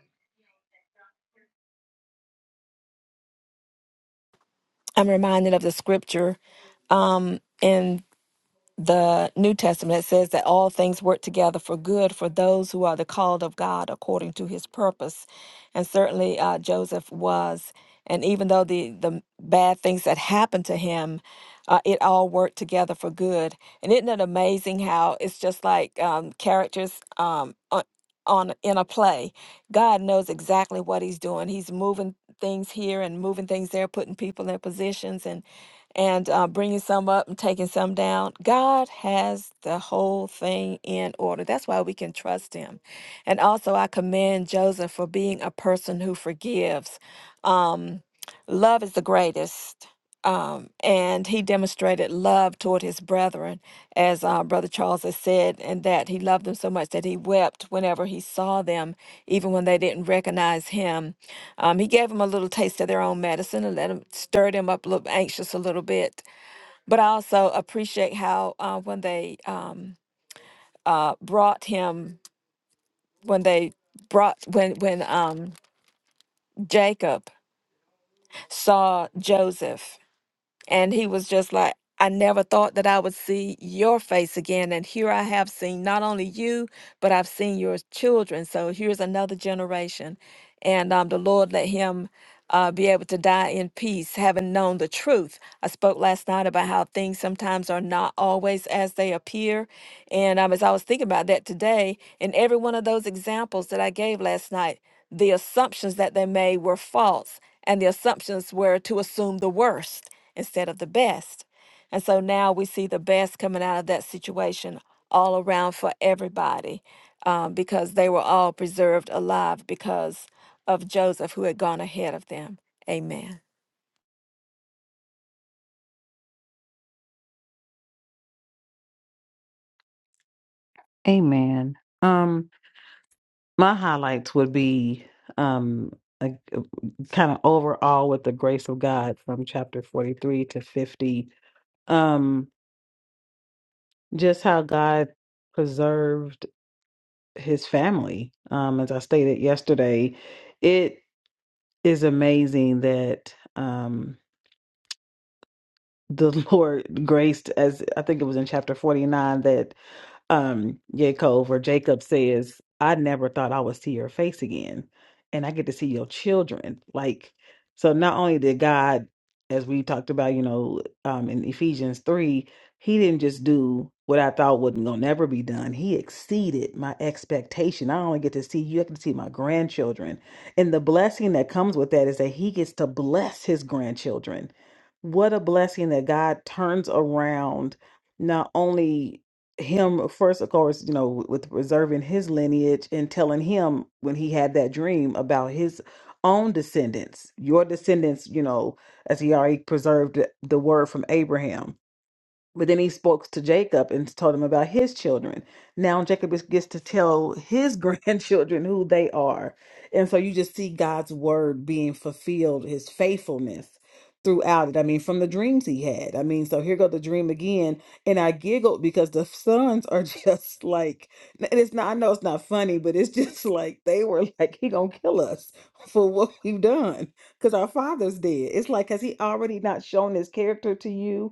Speaker 3: I'm reminded of the scripture um, in. the New Testament, it says that all things work together for good for those who are the called of God according to his purpose. And certainly uh, Joseph was. And even though the, the bad things that happened to him, uh, it all worked together for good. And isn't it amazing how it's just like um, characters um, on, on in a play? God knows exactly what he's doing. He's moving things here and moving things there, putting people in their positions. And and uh, bringing some up and taking some down. God has the whole thing in order. That's why we can trust Him. And also, I commend Joseph for being a person who forgives. Um, love is the greatest um, and he demonstrated love toward his brethren, as uh, Brother Charles has said, and that he loved them so much that he wept whenever he saw them, even when they didn't recognize him. Um, he gave them a little taste of their own medicine and let them stirred him up a little anxious a little bit. But I also appreciate how uh, when they um, uh, brought him, when they brought when when um, Jacob saw Joseph And he was just like, I never thought that I would see your face again. And here I have seen not only you, but I've seen your children. So here's another generation. And um, the Lord let him uh, be able to die in peace, having known the truth. I spoke last night about how things sometimes are not always as they appear. And um, as I was thinking about that today, in every one of those examples that I gave last night, the assumptions that they made were false, and the assumptions were to assume the worst instead of the best. And so now we see the best coming out of that situation all around for everybody um, because they were all preserved alive because of Joseph who had gone ahead of them. Amen.
Speaker 4: Amen. Um, my highlights would be um kind of overall with the grace of God from chapter 43 to 50. Um, just how God preserved his family. Um, as I stated yesterday, it is amazing that um, the Lord graced, as I think it was in chapter 49, um Yaakov where Jacob says, I never thought I would see your face again. And I get to see your children. Like, so not only did God, as we talked about, you know, um in Ephesians three, he didn't just do what I thought wasn't gonna never be done. He exceeded my expectation. I only get to see you, I get to see my grandchildren. And the blessing that comes with that is that he gets to bless his grandchildren. What a blessing that God turns around not only him first of course you know with preserving his lineage and telling him when he had that dream about his own descendants your descendants you know as he already preserved the word from abraham but then he spoke to Jacob and told him about his children. Now Jacob is- gets to tell his grandchildren who they are. And so you just see God's word being fulfilled, his faithfulness throughout it. I mean, from the dreams he had. I mean, so here go the dream again. And I giggled because the sons are just like, and it's not, I know it's not funny, but it's just like they were like, he gonna kill us for what we've done because our father's dead. It's like, has he already not shown his character to you?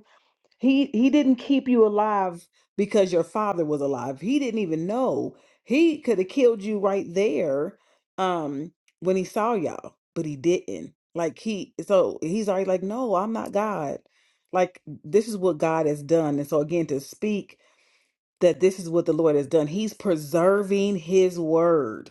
Speaker 4: He he didn't keep you alive because your father was alive. He didn't even know. He could have killed you right there um when he saw y'all, but he didn't. Like he so he's already like, "No, I'm not God." Like this is what God has done. And so again to speak that this is what the Lord has done. He's preserving his word.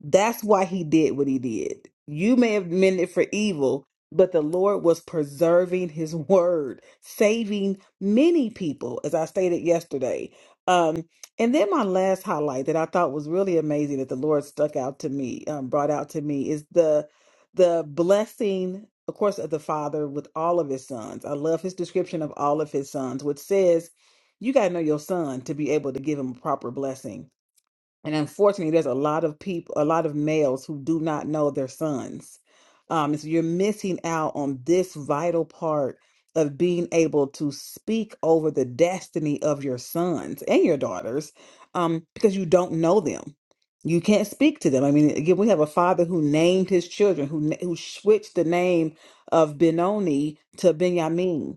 Speaker 4: That's why he did what he did. You may have meant it for evil, but the Lord was preserving his word, saving many people, as I stated yesterday. Um, and then my last highlight that I thought was really amazing that the Lord stuck out to me, um, brought out to me is the the blessing, of course, of the Father with all of his sons. I love his description of all of his sons, which says you got to know your son to be able to give him a proper blessing. And unfortunately, there's a lot of people, a lot of males who do not know their sons. Um, and so you're missing out on this vital part of being able to speak over the destiny of your sons and your daughters um, because you don't know them. You can't speak to them. I mean, again, we have a father who named his children, who, na- who switched the name of Benoni to Benjamin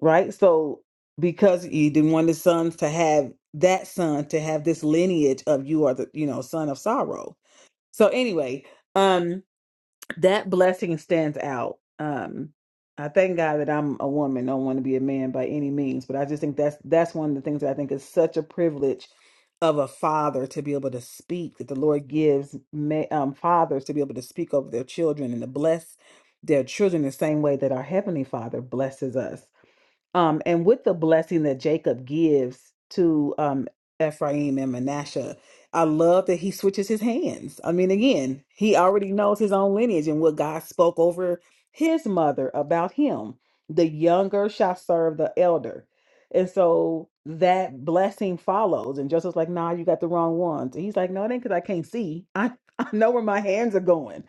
Speaker 4: right? So because he didn't want his sons to have that son to have this lineage of you are the you know son of sorrow. So anyway, um that blessing stands out. Um I thank God that I'm a woman, don't want to be a man by any means, but I just think that's that's one of the things that I think is such a privilege of a father to be able to speak that the Lord gives ma- um, fathers to be able to speak over their children and to bless their children the same way that our heavenly Father blesses us um, and with the blessing that Jacob gives to um, Ephraim and Manasseh, I love that he switches his hands. I mean, again, he already knows his own lineage and what God spoke over his mother about him. The younger shall serve the elder. And so that blessing follows. And Joseph's like, nah, you got the wrong ones. And he's like, no, it ain't because I can't see. I, I know where my hands are going.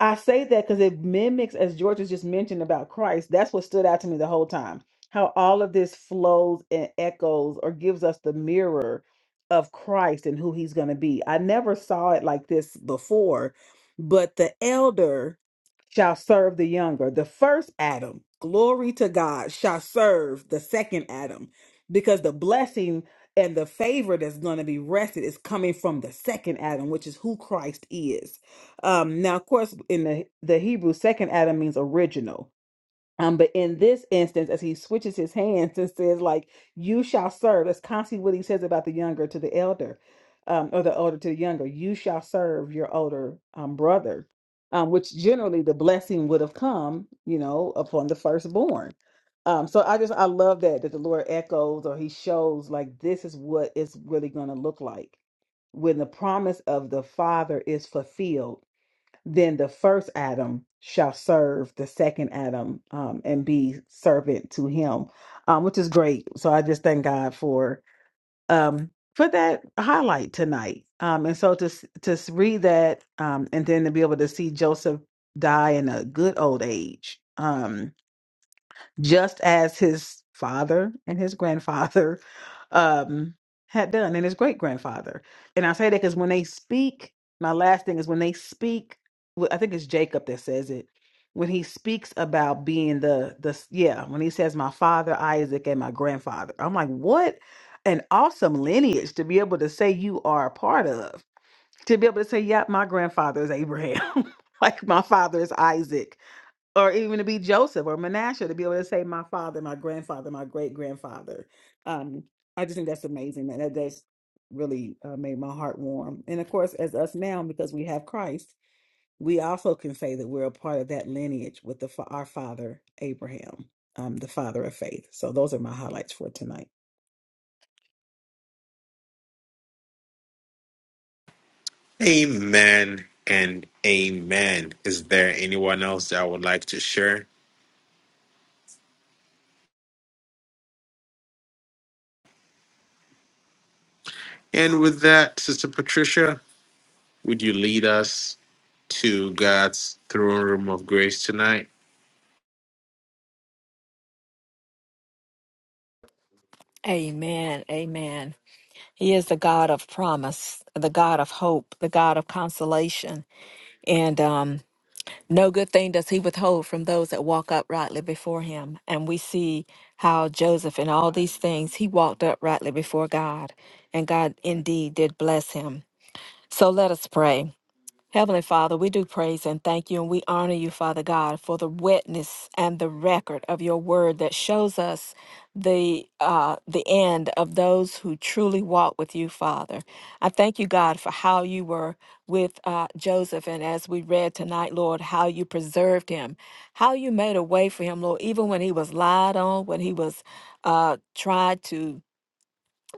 Speaker 4: I say that because it mimics, as George was just mentioned about Christ, that's what stood out to me the whole time. How all of this flows and echoes or gives us the mirror of Christ and who he's going to be. I never saw it like this before, but the elder shall serve the younger. The first Adam, glory to God, shall serve the second Adam because the blessing and the favor that's going to be rested is coming from the second Adam, which is who Christ is. Um, now, of course, in the, the Hebrew, second Adam means original. Um, but in this instance, as he switches his hands and says, like, you shall serve, that's constantly what he says about the younger to the elder, um, or the older to the younger, you shall serve your older um, brother, um, which generally the blessing would have come, you know, upon the firstborn. Um, so I just, I love that, that the Lord echoes or he shows, like, this is what it's really going to look like when the promise of the Father is fulfilled then the first Adam shall serve the second Adam um, and be servant to him, um, which is great. So I just thank God for um, for that highlight tonight. Um, and so to s- to s- read that um, and then to be able to see Joseph die in a good old age. Um, just as his father and his grandfather um, had done, and his great grandfather. And I say that because when they speak, my last thing is when they speak. well, I think it's Jacob that says it when he speaks about being the the yeah when he says my father Isaac and my grandfather. I'm like, what an awesome lineage to be able to say you are a part of. To be able to say, yeah, my grandfather is Abraham. like my father is Isaac or even to be Joseph or Manasseh to be able to say my father, my grandfather, my great grandfather. Um, I just think that's amazing. That that- that's really uh, made my heart warm. And of course, as us now, because we have Christ, we also can say that we're a part of that lineage with the fa- our father Abraham, um, the father of faith. So those are my highlights for tonight.
Speaker 1: Amen and amen. Is there anyone else that would like to share? And with that, Sister Patricia, would you lead us to God's throne room of grace tonight?
Speaker 3: Amen. Amen. He is the God of promise, the God of hope, the God of consolation. And um, no good thing does he withhold from those that walk uprightly before him. And we see how Joseph, in all these things, he walked uprightly before God. And God indeed did bless him. So let us pray. Heavenly Father, we do praise and thank you, and we honor you, Father God, for the witness and the record of your word that shows us the uh, the end of those who truly walk with you, Father. I thank you, God, for how you were with uh, Joseph, and as we read tonight, Lord, how you preserved him, how you made a way for him, Lord, even when he was lied on, when he was uh, tried to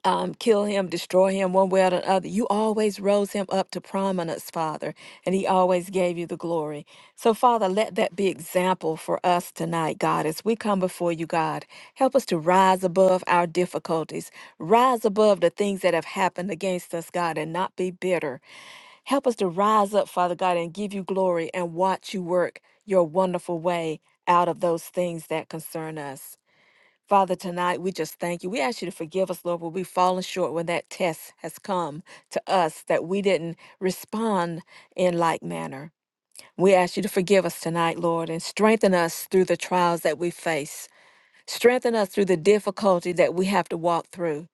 Speaker 3: um, kill him, destroy him one way or the other. You always rose him up to prominence, Father, and he always gave you the glory. So, Father, let that be example for us tonight, God, as we come before you, God. Help us to rise above our difficulties, rise above the things that have happened against us, God, and not be bitter. Help us to rise up, Father God, and give you glory and watch you work your wonderful way out of those things that concern us. Father, tonight we just thank you. We ask you to forgive us, Lord, when we've fallen short when that test has come to us that we didn't respond in like manner. We ask you to forgive us tonight, Lord, and strengthen us through the trials that we face. Strengthen us through the difficulty that we have to walk through.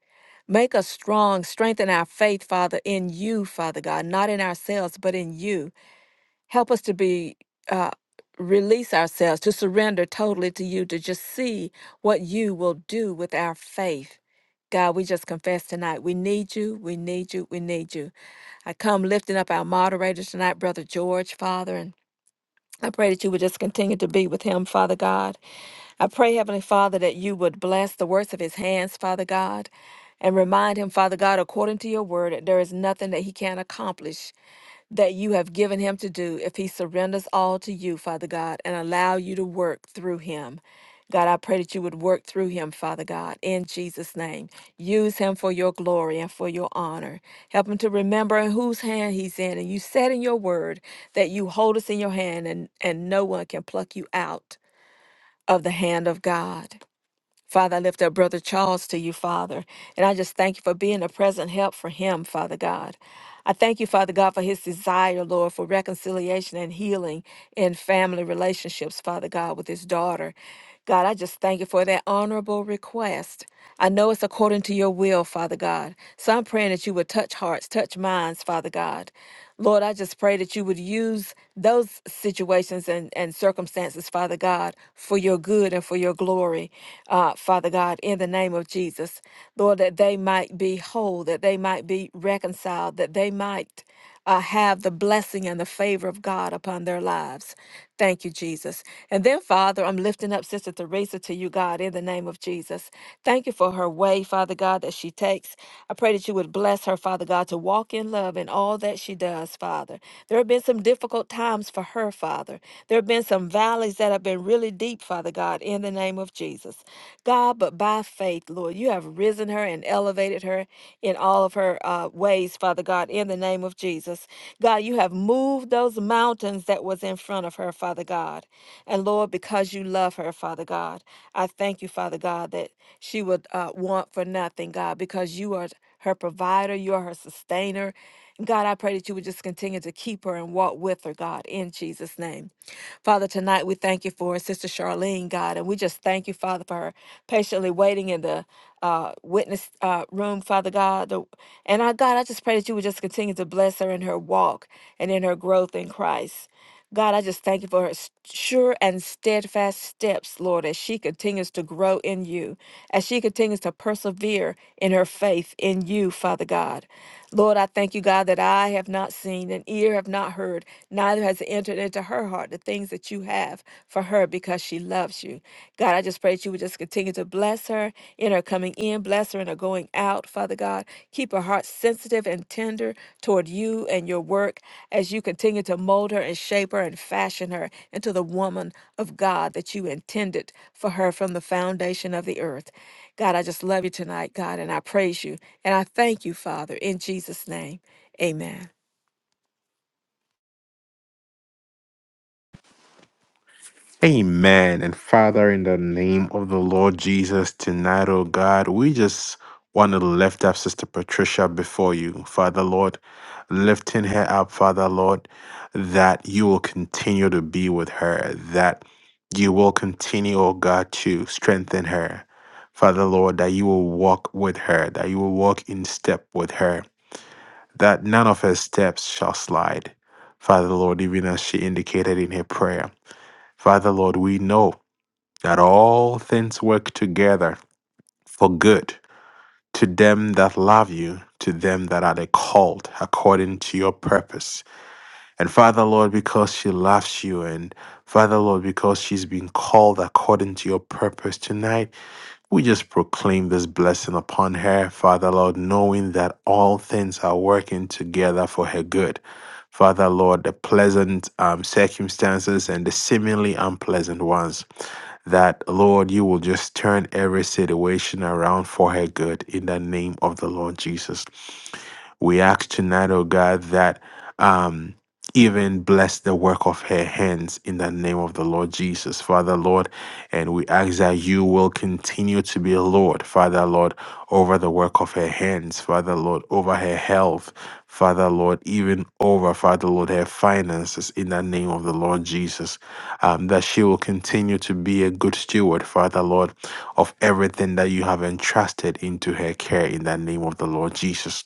Speaker 3: Make us strong, strengthen our faith, Father, in you, Father God, not in ourselves, but in you. Help us to be uh, release ourselves to surrender totally to you to just see what you will do with our faith. God, we just confess tonight. We need you. We need you. We need you. I come lifting up our moderators tonight, Brother George, Father, and I pray that you would just continue to be with him, Father God. I pray, Heavenly Father, that you would bless the works of his hands, Father God, and remind him, Father God, according to your word, that there is nothing that he can't accomplish that you have given him to do if he surrenders all to you, Father God, and allow you to work through him. God, I pray that you would work through him, Father God, in Jesus' name. Use him for your glory and for your honor. Help him to remember in whose hand he's in. And you said in your word that you hold us in your hand and, and no one can pluck you out of the hand of God. Father, I lift up Brother Charles to you, Father, and I just thank you for being a present help for him, Father God. I thank you, Father God, for his desire, Lord, for reconciliation and healing in family relationships, Father God, with his daughter. God, I just thank you for that honorable request. I know it's according to your will, Father God. So I'm praying that you would touch hearts, touch minds, Father God. Lord, I just pray that you would use those situations and, and circumstances, Father God, for your good and for your glory, uh, Father God, in the name of Jesus. Lord, that they might be whole, that they might be reconciled, that they might uh, have the blessing and the favor of God upon their lives. Thank you, Jesus. And then, Father, I'm lifting up Sister Teresa to you, God, in the name of Jesus. Thank you for her way, Father God, that she takes. I pray that you would bless her, Father God, to walk in love in all that she does, Father. There have been some difficult times for her, Father. There have been some valleys that have been really deep, Father God, in the name of Jesus. God, but by faith, Lord, you have risen her and elevated elevated her in all of her uh, ways, Father God, in the name of Jesus. God, you have moved those mountains that was in front of her, Father God. And Lord, because you love her, Father God, I thank you, Father God, that she would uh, want for nothing, God, because you are her provider, you are her sustainer. God, I pray that you would just continue to keep her and walk with her, God, in Jesus' name. Father, tonight we thank you for Sister Charlene, God, and we just thank you, Father, for her patiently waiting in the uh, witness uh, room, Father God. The, and I, God, I just pray that you would just continue to bless her in her walk and in her growth in Christ. God, I just thank you for her s- sure and steadfast steps, Lord, as she continues to grow in you, as she continues to persevere in her faith in you, Father God. Lord, I thank you, God, that I have not seen and ear have not heard, neither has it entered into her heart the things that you have for her because she loves you. God, I just pray that you would just continue to bless her in her coming in, bless her in her going out, Father God. Keep her heart sensitive and tender toward you and your work as you continue to mold her and shape her and fashion her into the woman of God that you intended for her from the foundation of the earth. God, I just love you tonight, God, and I praise you. And I thank you, Father, in Jesus' name. Amen.
Speaker 1: Amen. And Father, in the name of the Lord Jesus, tonight, oh God, we just want to lift up Sister Patricia before you, Father Lord, lifting her up, Father Lord, that you will continue to be with her, that you will continue, oh God, to strengthen her. Father Lord, that you will walk with her, that you will walk in step with her, that none of her steps shall slide. Father Lord, even as she indicated in her prayer. Father Lord, we know that all things work together for good to them that love you, to them that are the called according to your purpose. And Father Lord, because she loves you, and Father Lord, because she's been called according to your purpose tonight, we just proclaim this blessing upon her, Father Lord, knowing that all things are working together for her good. Father, Lord, the pleasant um, circumstances and the seemingly unpleasant ones. That, Lord, you will just turn every situation around for her good in the name of the Lord Jesus. We ask tonight, oh God, that um, even bless the work of her hands in the name of the Lord Jesus, Father Lord. And we ask that you will continue to be Lord, Father Lord, over the work of her hands, Father Lord, over her health, Father Lord, even over, Father Lord, her finances in the name of the Lord Jesus. Um, that she will continue to be a good steward, Father Lord, of everything that you have entrusted into her care in the name of the Lord Jesus.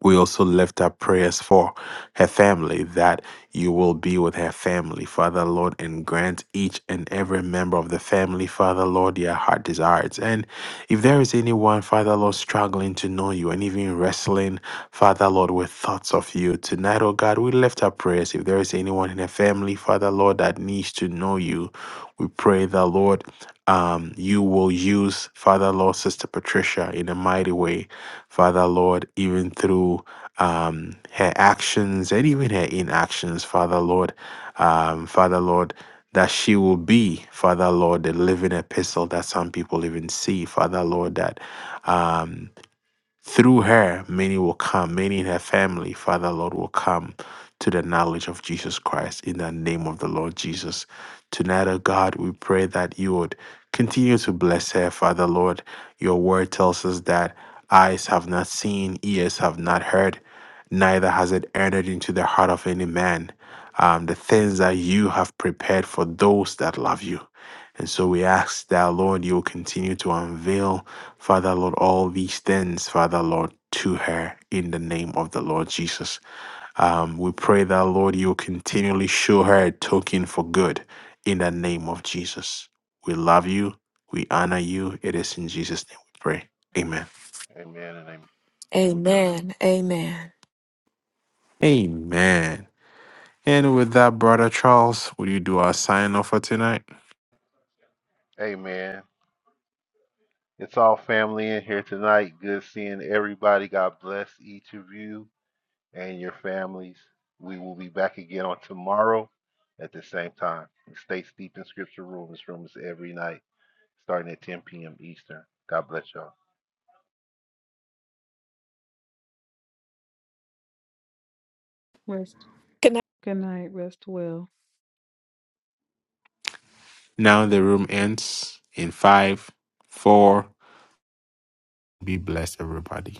Speaker 1: We also lift up prayers for her family that you will be with her family, Father Lord, and grant each and every member of the family, Father Lord, their heart desires. And if there is anyone, Father Lord, struggling to know you and even wrestling, Father Lord, with thoughts of you, tonight, oh God, we lift up prayers. If there is anyone in her family, Father Lord, that needs to know you, we pray that, Lord, um, you will use Father Lord, Sister Patricia in a mighty way. Father Lord, even through um, her actions and even her inactions, Father Lord, um, Father Lord, that she will be, Father Lord, the living epistle that some people even see, Father Lord, that. Um, through her, many will come, many in her family, Father Lord, will come to the knowledge of Jesus Christ in the name of the Lord Jesus. Tonight, O God, we pray that you would continue to bless her, Father Lord. Your word tells us that eyes have not seen, ears have not heard, neither has it entered into the heart of any man. Um, the things that you have prepared for those that love you. And so we ask that, Lord, you will continue to unveil, Father, Lord, all these things, Father, Lord, to her in the name of the Lord Jesus. Um, we pray that, Lord, you will continually show her a token for good in the name of Jesus. We love you. We honor you. It is in Jesus' name we pray. Amen.
Speaker 2: amen and amen
Speaker 3: Amen. Amen.
Speaker 1: Amen. And with that, Brother Charles, will you do our sign off for tonight?
Speaker 2: amen it's all family in here tonight good seeing everybody god bless each of you and your families. We will be back again on tomorrow at the same time. Stay steeped in Scripture Room. This room every night, starting at 10 p.m. Eastern. God bless y'all.
Speaker 4: Rest.
Speaker 3: Good night.
Speaker 4: Good night. Rest well.
Speaker 1: Now the room ends in five, four. Be blessed, everybody.